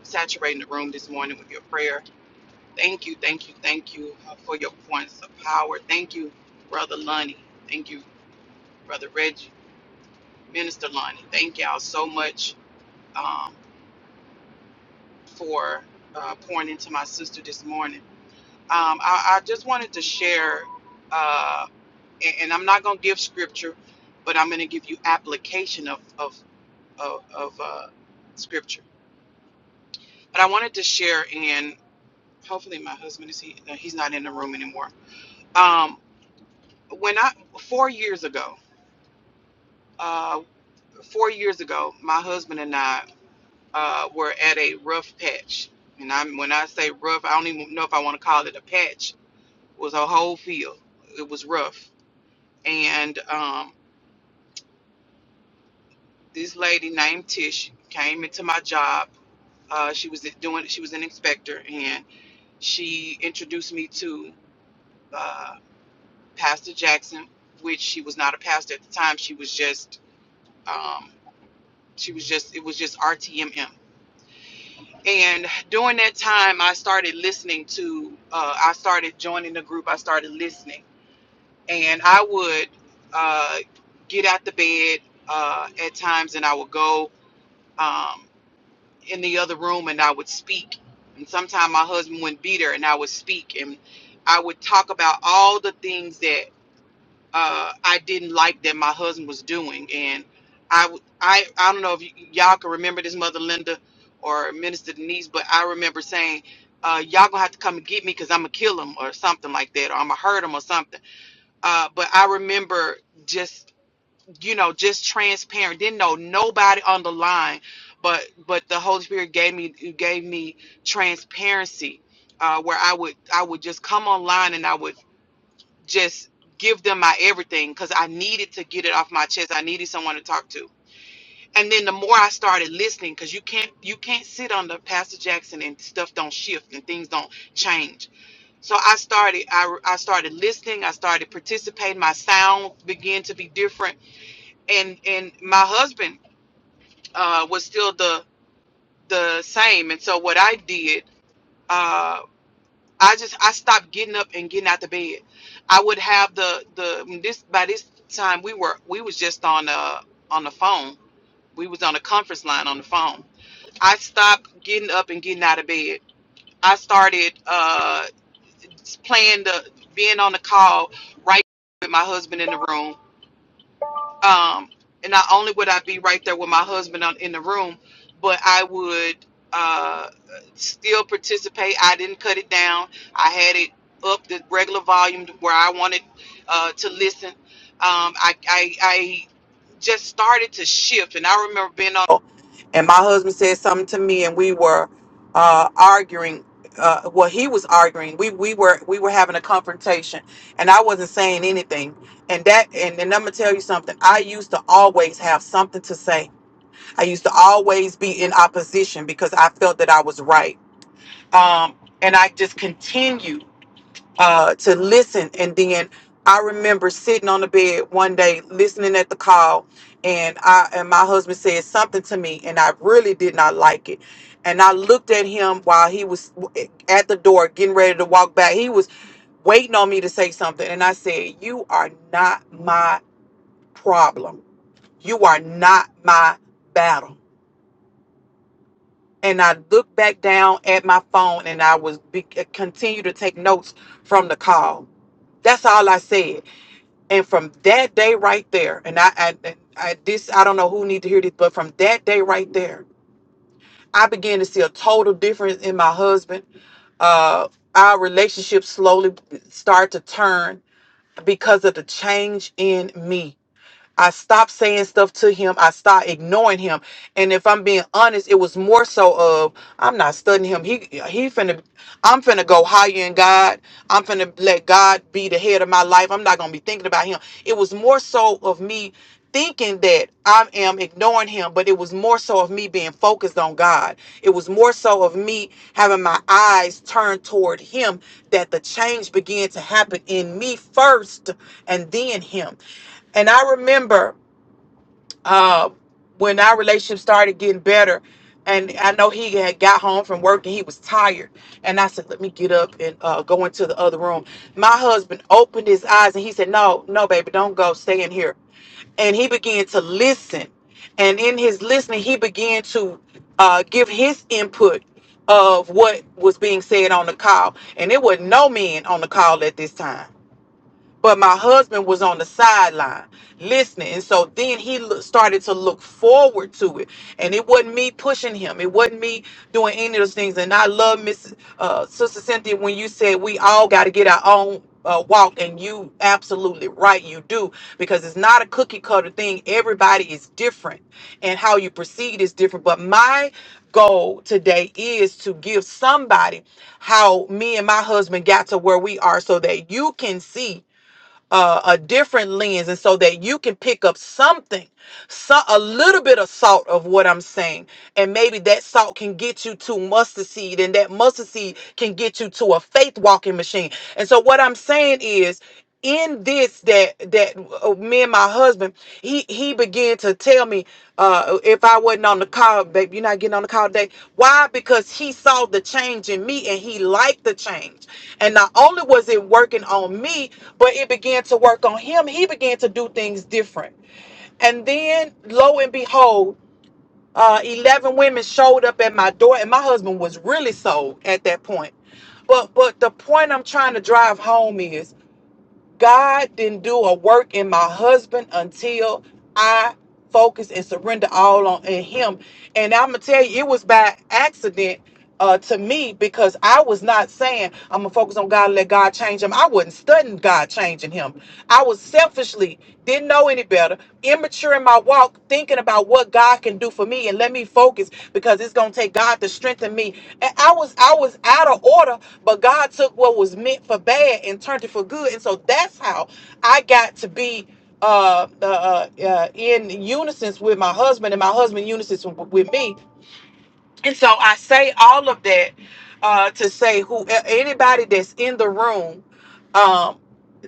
G: saturating the room this morning with your prayer. Thank you, thank you, thank you uh, for your points of power. Thank you, Brother Lonnie. Thank you, Brother Reggie, Minister Lonnie. Thank y'all so much um, for uh, pouring into my sister this morning. um, I, I just wanted to share, uh, and, and I'm not going to give scripture, but I'm going to give you application of of of, of uh, scripture. But I wanted to share, and hopefully my husband is he, no, he's not in the room anymore. Um, when I four years ago, uh, four years ago, my husband and I uh, were at a rough patch, and I'm when I say rough, I don't even know if I want to call it a patch. It was a whole field. It was rough, and um, This lady named Tish came into my job. Uh, she was doing. She was an inspector, and she introduced me to uh, Pastor Jackson, which she was not a pastor at the time. She was just. Um, she was just. It was just RTMM. And during that time, I started listening to. Uh, I started joining the group. I started listening, and I would uh, get out the bed uh, at times, and I would go. Um, in the other room and I would speak. And sometimes my husband wouldn't be there and I would speak and I would talk about all the things that uh, I didn't like that my husband was doing. And I, w- I, I don't know if y- y'all can remember this, Mother Linda or Minister Denise, but I remember saying, uh, y'all gonna have to come and get me because I'm gonna kill him or something like that, or I'm gonna hurt him or something. Uh, but I remember just you know, just transparent. Didn't know nobody on the line, but but the Holy Spirit gave me gave me transparency, uh, where I would I would just come online and I would just give them my everything because I needed to get it off my chest. I needed someone to talk to. And then the more I started listening, because you can't you can't sit under Pastor Jackson and stuff don't shift and things don't change. So I started I, I started listening. I started participating. My sound began to be different and and my husband uh, was still the the same. And so what I did, uh, I just I stopped getting up and getting out the bed. I would have the the this by this time we were we was just on uh on the phone. We was on a conference line on the phone. I stopped getting up and getting out of bed. I started uh, playing the being on the call right with my husband in the room um, and not only would I be right there with my husband on, in the room, but I would uh, still participate. I didn't cut it down. I had it up the regular volume to where I wanted uh, to listen. Um, I, I, I just started to shift, and I remember being on and my husband said something to me and we were uh arguing uh well he was arguing we we were we were having a confrontation and i wasn't saying anything and that and, and i'm gonna tell you something i used to always have something to say i used to always be in opposition because i felt that i was right um and i just continued uh, to listen. And then I remember sitting on the bed one day listening at the call, and I and my husband said something to me, and I really did not like it. And I looked at him while he was at the door getting ready to walk back. He was waiting on me to say something, and I said, "You are not my problem. You are not my battle." And I looked back down at my phone, and I was be, eh, continue to take notes from the call. That's all I said. And from that day right there, and I, I, I this I don't know who need to hear this, but from that day right there, I began to see a total difference in my husband. Uh, our relationship slowly started to turn because of the change in me I stopped saying stuff to him. I stopped ignoring him. And if I'm being honest, it was more so of I'm not studying him. He he finna I'm finna go higher in God. I'm finna let God be the head of my life. I'm not gonna be thinking about him. It was more so of me thinking that I am ignoring him, but it was more so of me being focused on God. It was more so of me having my eyes turned toward him that the change began to happen in me first and then him. And I remember uh, when our relationship started getting better, and I know he had got home from work and he was tired, and I said, "Let me get up and uh, go into the other room." My husband opened his eyes and he said, "No, no, baby, don't go. Stay in here." and he began to listen. And in his listening, he began to uh, give his input of what was being said on the call. And there were no men on the call at this time but my husband was on the sideline listening and so then he lo- started to look forward to it and it wasn't me pushing him it wasn't me doing any of those things and i love miss uh, sister cynthia when you said we all got to get our own uh, walk and you absolutely right you do because it's not a cookie cutter thing everybody is different and how you proceed is different but my goal today is to give somebody how me and my husband got to where we are so that you can see uh, a different lens and so that you can pick up something so, a little bit of salt of what I'm saying. And maybe that salt can get you to mustard seed, and that mustard seed can get you to a faith walking machine. And so what I'm saying is in this that that uh, me and my husband he he began to tell me uh if i wasn't on the call babe you're not getting on the call today why because he saw the change in me and he liked the change and not only was it working on me but it began to work on him he began to do things different and then, lo and behold, uh, 11 women showed up at my door, and my husband was really sold at that point. But, but the point I'm trying to drive home is God didn't do a work in my husband until I focused and surrendered all on in Him. And I'm gonna tell you, it was by accident uh, to me because I was not saying I'm gonna focus on God, and let God change him. I wasn't studying God changing him. I was selfishly didn't know any better, sure in my walk thinking about what God can do for me and let me focus because it's gonna take God to strengthen me. And I was I was out of order, but God took what was meant for bad and turned it for good. And so that's how I got to be uh, uh, uh, uh, in unison with my husband and my husband unison w- with me. And so I say all of that uh, to say who anybody that's in the room, um,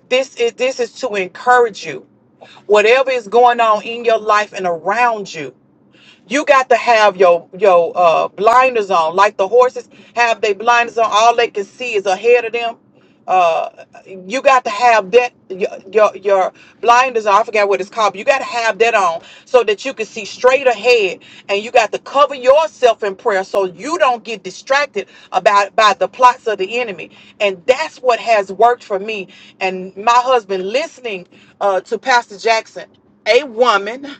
G: this is this is to encourage you Whatever is going on in your life and around you, you got to have your your uh, blinders on, like the horses have their blinders on. All they can see is ahead of them. Uh, you got to have that your your, your blinders. On, I forget what it's called. But you got to have that on so that you can see straight ahead, and you got to cover yourself in prayer so you don't get distracted about by the plots of the enemy. And that's what has worked for me and my husband. Listening uh, to Pastor Jackson, a woman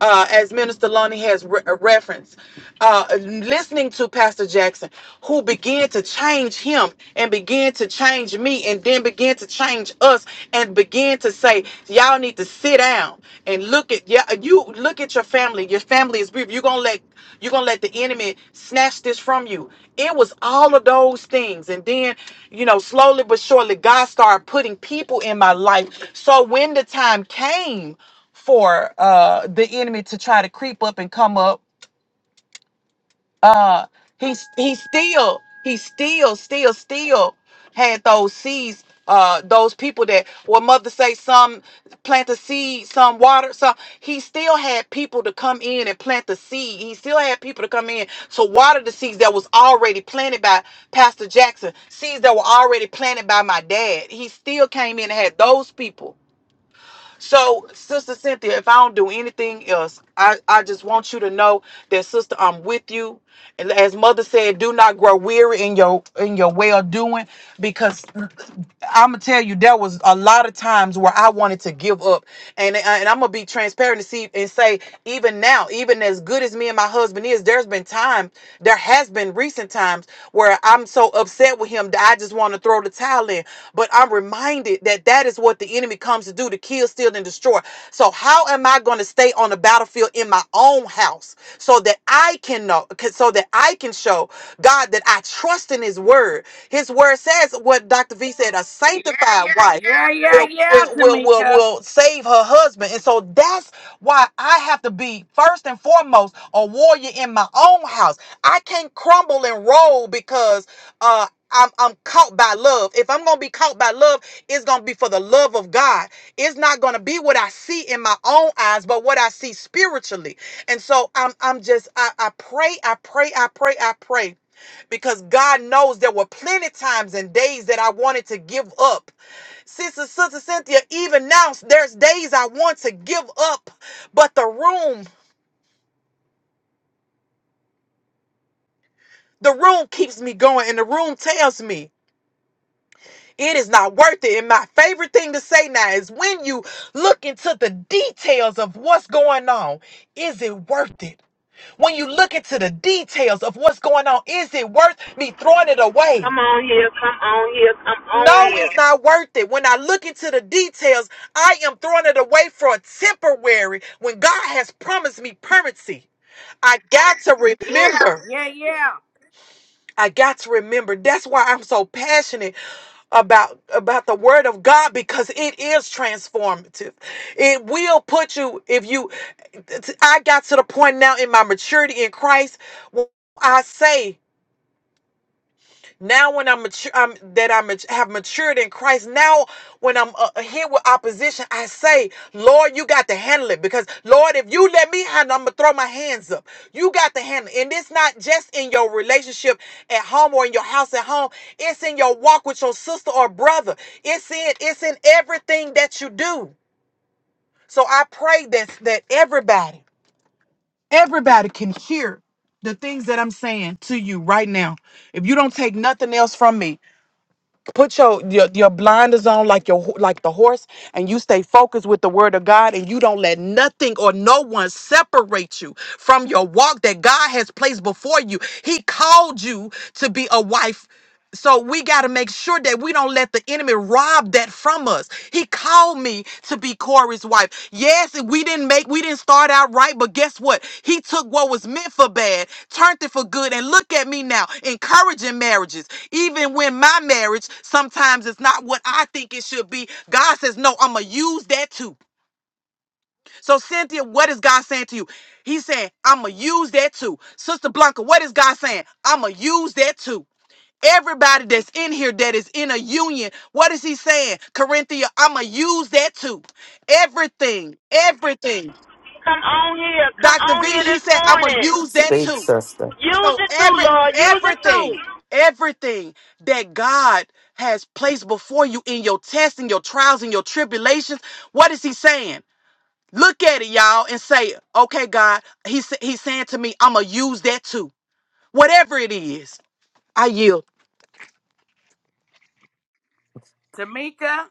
G: uh, as Minister Lonnie has re- uh, referenced, uh, listening to Pastor Jackson, who began to change him and began to change me and then began to change us and began to say, y'all need to sit down and look at, yeah, you look at your family. Your family is beautiful. You're going to let, you're going to let the enemy snatch this from you. It was all of those things. And then, you know, slowly but surely, God started putting people in my life. So when the time came, for uh the enemy to try to creep up and come up uh he's he still he still still still had those seeds uh those people that well mother say some plant the seed some water some he still had people to come in and plant the seed he still had people to come in to water the seeds that was already planted by pastor jackson seeds that were already planted by my dad he still came in and had those people so, Sister Cynthia, if I don't do anything else, I, I just want you to know that, Sister, I'm with you. And as Mother said, do not grow weary in your in your well doing, because I'm gonna tell you there was a lot of times where I wanted to give up, and and I'm gonna be transparent to see and say even now, even as good as me and my husband is, there's been time, there has been recent times where I'm so upset with him that I just want to throw the towel in. But I'm reminded that that is what the enemy comes to do to kill, steal, and destroy. So, how am I going to stay on the battlefield in my own house so that I can know, so that I can show God that I trust in His word? His word says what Dr. V said a sanctified wife will, will, will, will,
D: Tamika.
G: will save her husband. And so that's why I have to be first and foremost a warrior in my own house. I can't crumble and roll because uh I'm, I'm caught by love. If I'm going to be caught by love, it's going to be for the love of God. It's not going to be what I see in my own eyes, but what I see spiritually. And so I'm, I'm just, I, I pray, I pray, I pray, I pray because God knows there were plenty times and days that I wanted to give up. Sister, Sister Cynthia, even now, there's days I want to give up, but the room, the room keeps me going and the room tells me. It is not worth it. And my favorite thing to say now is when you look into the details of what's going on, is it worth it? When you look into the details of what's going on, is it worth me throwing it away?
C: Come on here, come on here, come
G: No,
C: on here.
G: it's not worth it. When I look into the details, I am throwing it away for a temporary when God has promised me permanency. I got to remember.
D: Yeah, yeah.
G: I got to remember. That's why I'm so passionate about about the word of God because it is transformative. It will put you if you I got to the point now in my maturity in Christ I say now, when I'm, mature, I'm that I mat- have matured in Christ, now when I'm uh, hit with opposition, I say, Lord, you got to handle it because, Lord, if you let me handle, I'm gonna throw my hands up. You got to handle, it. and it's not just in your relationship at home or in your house at home. It's in your walk with your sister or brother. It's in it's in everything that you do. So I pray that that everybody, everybody can hear the things that I'm saying to you right now. If you don't take nothing else from me put your, your your blinders on like your ho- like the horse and you stay focused with the word of god and you don't let nothing or no one separate you from your walk that god has placed before you he called you to be a wife so we got to make sure that we don't let the enemy rob that from us. He called me to be Corey's wife. Yes, we didn't make, we didn't start out right, but guess what? He took what was meant for bad, turned it for good, and look at me now, encouraging marriages. Even when my marriage sometimes is not what I think it should be, God says, No, I'm going to use that too. So, Cynthia, what is God saying to you? He's saying, I'm going to use that too. Sister Blanca, what is God saying? I'm going to use that too. Everybody that's in here that is in a union, what is he saying? Corinthia, I'm going to use that too. Everything, everything.
C: Come
G: Dr. V, he said, I'm going
C: in.
G: to use that
B: Speak,
G: too.
B: sister.
C: Use
G: So
C: it too,
G: every
C: Lord. Use it too.
G: everything, everything that God has placed before you in your tests and your trials and your tribulations, what is he saying? Look at it, y'all, and say, okay, God, he's, he's saying to me, I'm going to use that too. Whatever it is, I yield.
D: Tamika.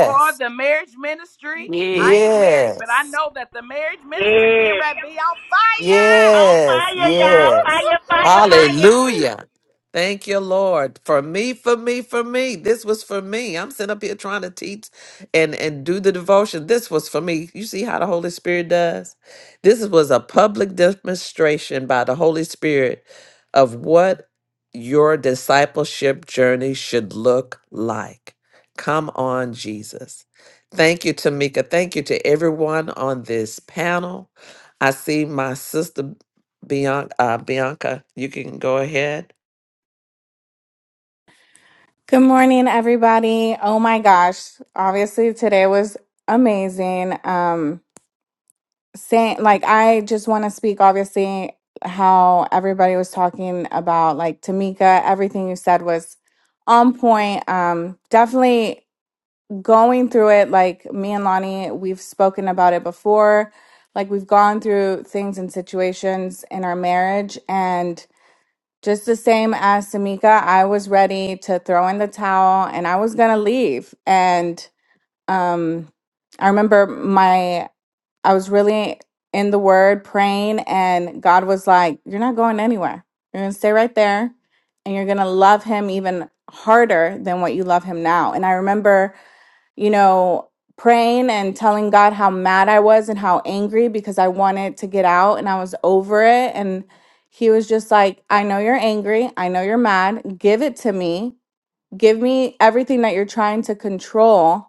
D: Or the marriage ministry.
A: Yeah.
D: I ain't married, but I
B: Yes.
D: know that the marriage ministry getting
C: Yes.
D: ready to be on fire.
C: On
B: Yes,
C: fire, y'all.
B: yes.
C: Fire, fire, fire.
D: Woo-hoo-hoo-hoo.
B: Hallelujah. Thank you, Lord. For me, for me, for me. This was for me. I'm sitting up here trying to teach and, and do the devotion. This was for me. You see how the Holy Spirit does? This was a public demonstration by the Holy Spirit of what your discipleship journey should look like. Come on, Jesus. Thank you, Tamika. Thank you to everyone on this panel. I see my sister Bianca. Uh, Bianca, you can go ahead.
I: Good morning, everybody. Oh my gosh. Obviously, today was amazing. Um, saying like I just want to speak obviously how everybody was talking about like Tamika, everything you said was on point. Um, definitely going through it, like me and Lonnie, we've spoken about it before. Like we've gone through things and situations in our marriage and just the same as Samika, I was ready to throw in the towel and I was gonna leave. And um, I remember my, I was really in the word praying, and God was like, You're not going anywhere. You're gonna stay right there and you're gonna love him even harder than what you love him now. And I remember you know, praying and telling God how mad I was and how angry because I wanted to get out and I was over it. And he was just like, I know you're angry. I know you're mad. Give it to me. Give me everything that you're trying to control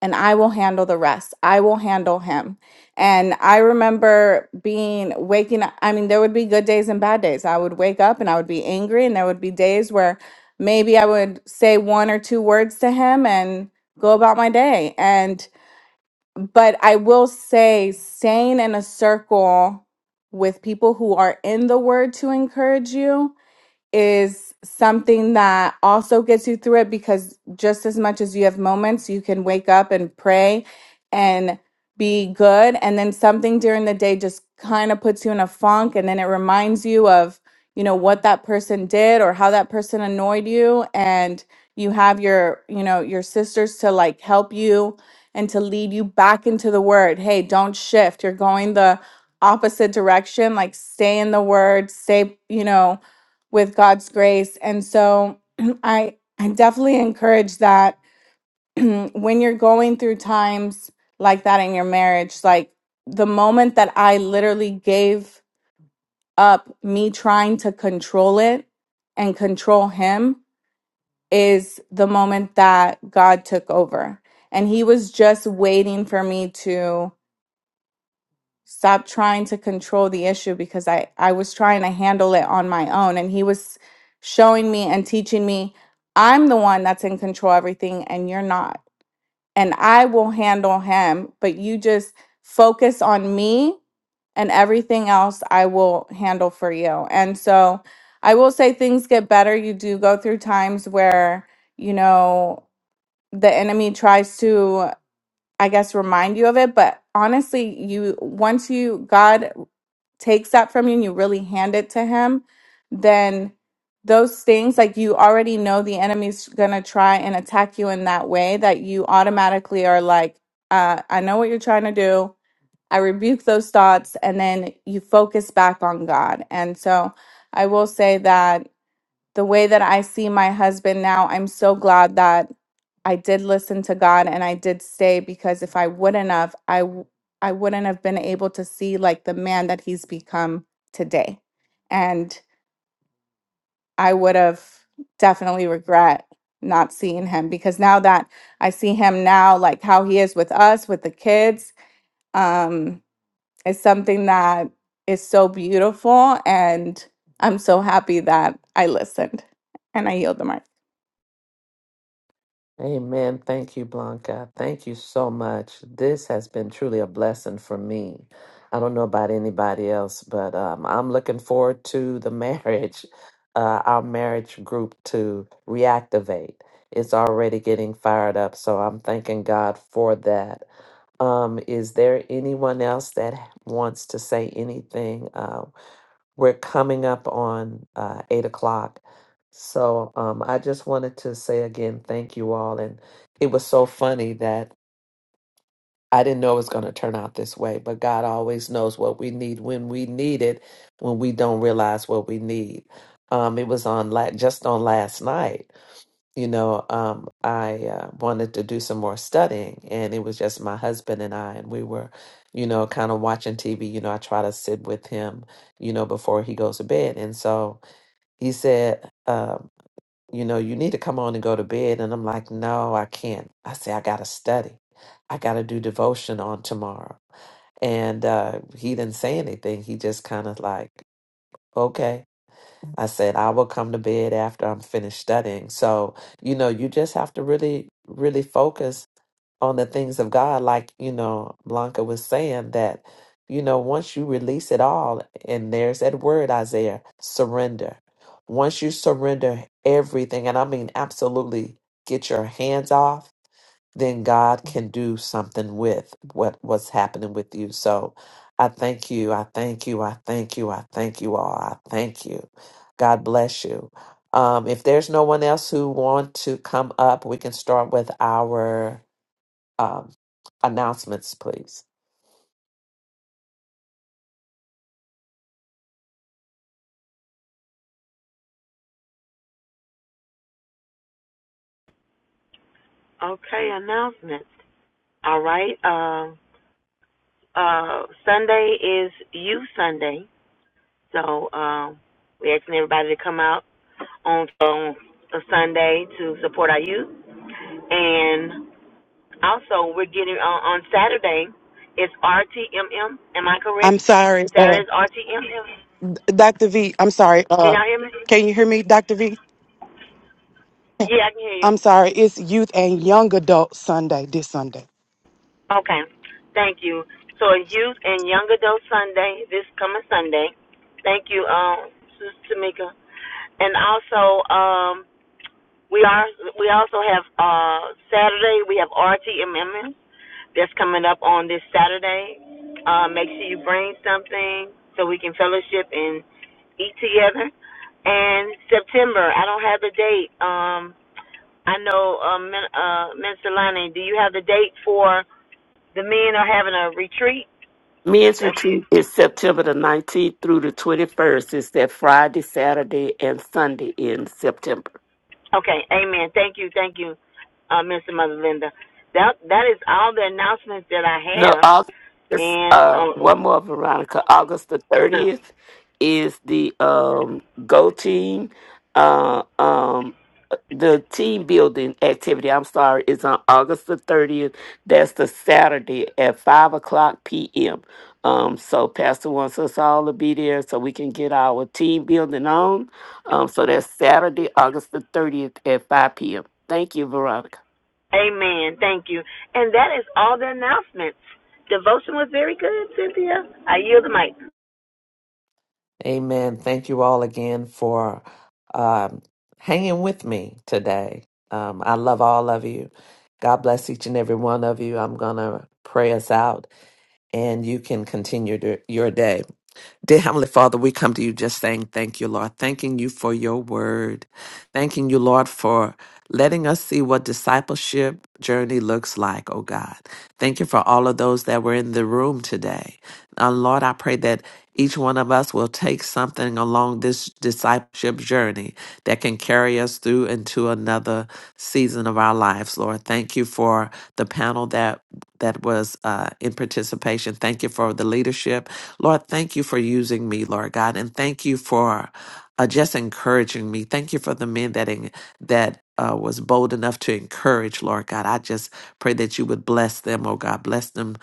I: and I will handle the rest. I will handle him. And I remember being waking up. I mean, there would be good days and bad days. I would wake up and I would be angry, and there would be days where maybe I would say one or two words to him and go about my day. And, but I will say, staying in a circle with people who are in the word to encourage you is something that also gets you through it because just as much as you have moments, you can wake up and pray and be good. And then something during the day just kind of puts you in a funk. And then it reminds you of, you know, what that person did or how that person annoyed you. And you have your, you know, your sisters to like help you and to lead you back into the word. Hey, don't shift. You're going the opposite direction. Like stay in the word, stay, you know with God's grace. And so I I definitely encourage that when you're going through times like that in your marriage, like the moment that I literally gave up me trying to control it and control him is the moment that God took over. And he was just waiting for me to. stop trying to control the issue because I, I was trying to handle it on my own. And he was showing me and teaching me, I'm the one that's in control of everything and you're not. And I will handle him, but you just focus on me and everything else I will handle for you. And so I will say things get better. You do go through times where, you know, the enemy tries to I guess remind you of it, but honestly, you once you God takes that from you and you really hand it to him, then those things like you already know the enemy's gonna try and attack you in that way that you automatically are like, uh, I know what you're trying to do. I rebuke those thoughts, and then you focus back on God. And so I will say that the way that I see my husband now, I'm so glad that I did listen to God and I did stay because if I wouldn't have, I w- I wouldn't have been able to see like the man that he's become today. And I would have definitely regret not seeing him because now that I see him now like how he is with us with the kids um is something that is so beautiful and I'm so happy that I listened and I yield the mic.
B: Amen. Thank you, Blanca. Thank you so much. This has been truly a blessing for me. I don't know about anybody else, but um, I'm looking forward to the marriage, uh, our marriage group to reactivate. It's already getting fired up, so I'm thanking God for that. Um, is there anyone else that wants to say anything? Uh, We're coming up on uh, eight o'clock. So um, I just wanted to say again, thank you all. And it was so funny that I didn't know it was going to turn out this way, but God always knows what we need when we need it, when we don't realize what we need. Um, it was on la- just on last night you know, um, I uh, wanted to do some more studying, and it was just my husband and I, and we were, you know, kind of watching TV. You know, I try to sit with him, you know, before he goes to bed. And so he said, uh, you know, you need to come on and go to bed. And I'm like, no, I can't. I say, I got to study. I got to do devotion on tomorrow. And uh, he didn't say anything. He just kind of like, okay. I said, I will come to bed after I'm finished studying. So, you know, you just have to really, really focus on the things of God. Like, you know, Blanca was saying that, you know, once you release it all, and there's that word, Isaiah, surrender. Once you surrender everything, and I mean absolutely get your hands off then God can do something with what what's happening with you. So I thank you. I thank you. I thank you. I thank you all. I thank you. God bless you. Um, if there's no one else who want to come up, we can start with our um, announcements, please.
C: Okay, announcements. All right. Um. Uh, Sunday is youth Sunday, so um, we're asking everybody to come out on on a Sunday to support our youth. Also, we're getting on, on Saturday. It's RTMM. Am I correct?
G: I'm sorry.
C: Saturday's RTMM.
G: Dr. V, I'm sorry.
C: Can
G: Uh,
C: y'all hear me?
G: can you hear me, Dr. V?
C: Yeah, I can hear you.
G: I'm sorry. It's Youth and Young Adult Sunday this Sunday.
C: Okay. Thank you. So it's Youth and Young Adult Sunday, this coming Sunday. Thank you, um, Sister Tamika. And also, um, We are. We also have uh, Saturday. We have RTMM that's coming up on this Saturday. Uh, make sure you bring something so we can fellowship and eat together. And September, I don't have the date. Um, I know uh, Min- uh, Minister Lonnie, do you have the date for the men are having a retreat?
A: Men's
C: If you-
A: retreat is September the 19th through the 21st. It's that Friday, Saturday, and Sunday in September.
C: Okay, Amen. Thank you, thank you, uh, Minister Mother Linda. That that is all the announcements that I
A: No,
C: have.
A: August,
C: And
A: uh,
C: oh, oh,
A: one more, Veronica. August the
C: okay.
A: 30th is the um, Go Team. Uh, um, the team building activity, I'm sorry, is on August the 30th. That's the Saturday at 5 o'clock p.m. Um, so Pastor wants us all to be there so we can get our team building on. Um, so that's Saturday, August the 30th at 5 p.m. Thank you, Veronica.
C: Amen. Thank you. And that is all the announcements. Devotion was very good, Cynthia. I yield the mic.
B: Amen. Thank you all again for um, hanging with me today. Um, I love all of you. God bless each and every one of you. I'm gonna pray us out. and you can continue to, your day. Dear Heavenly Father, we come to you just saying thank you, Lord. Thanking you for your word. Thanking you, Lord, for letting us see what discipleship journey looks like, oh God. Thank you for all of those that were in the room today. Uh, Lord, I pray that each one of us will take something along this discipleship journey that can carry us through into another season of our lives, Lord. Thank you for the panel that that was uh, in participation. Thank you for the leadership. Lord, thank you for using me, Lord God, and thank you for uh, just encouraging me. Thank you for the men that en- that uh, was bold enough to encourage, Lord God. I just pray that you would bless them, oh God, bless them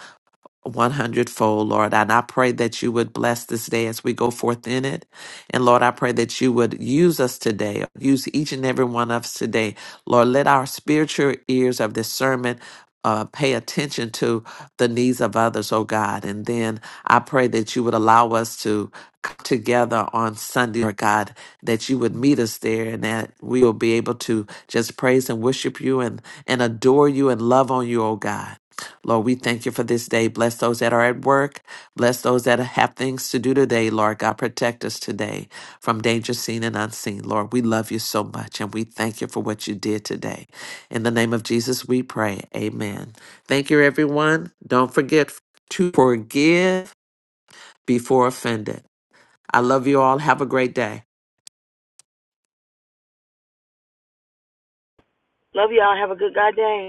B: one hundredfold, Lord. And I pray that you would bless this day as we go forth in it. And Lord, I pray that you would use us today, use each and every one of us today. Lord, let our spiritual ears of discernment. Uh, pay attention to the needs of others, oh God. And then I pray that you would allow us to come together on Sunday, Lord God, that you would meet us there and that we will be able to just praise and worship you and, and adore you and love on you, oh God. Lord, we thank you for this day. Bless those that are at work. Bless those that have things to do today, Lord God. Protect us today from danger seen and unseen. Lord, we love you so much and we thank you for what you did today. In the name of Jesus, we pray. Amen. Thank you, everyone. Don't forget to forgive before offended. I love you all. Have a great day.
C: Love y'all. Have a good God day.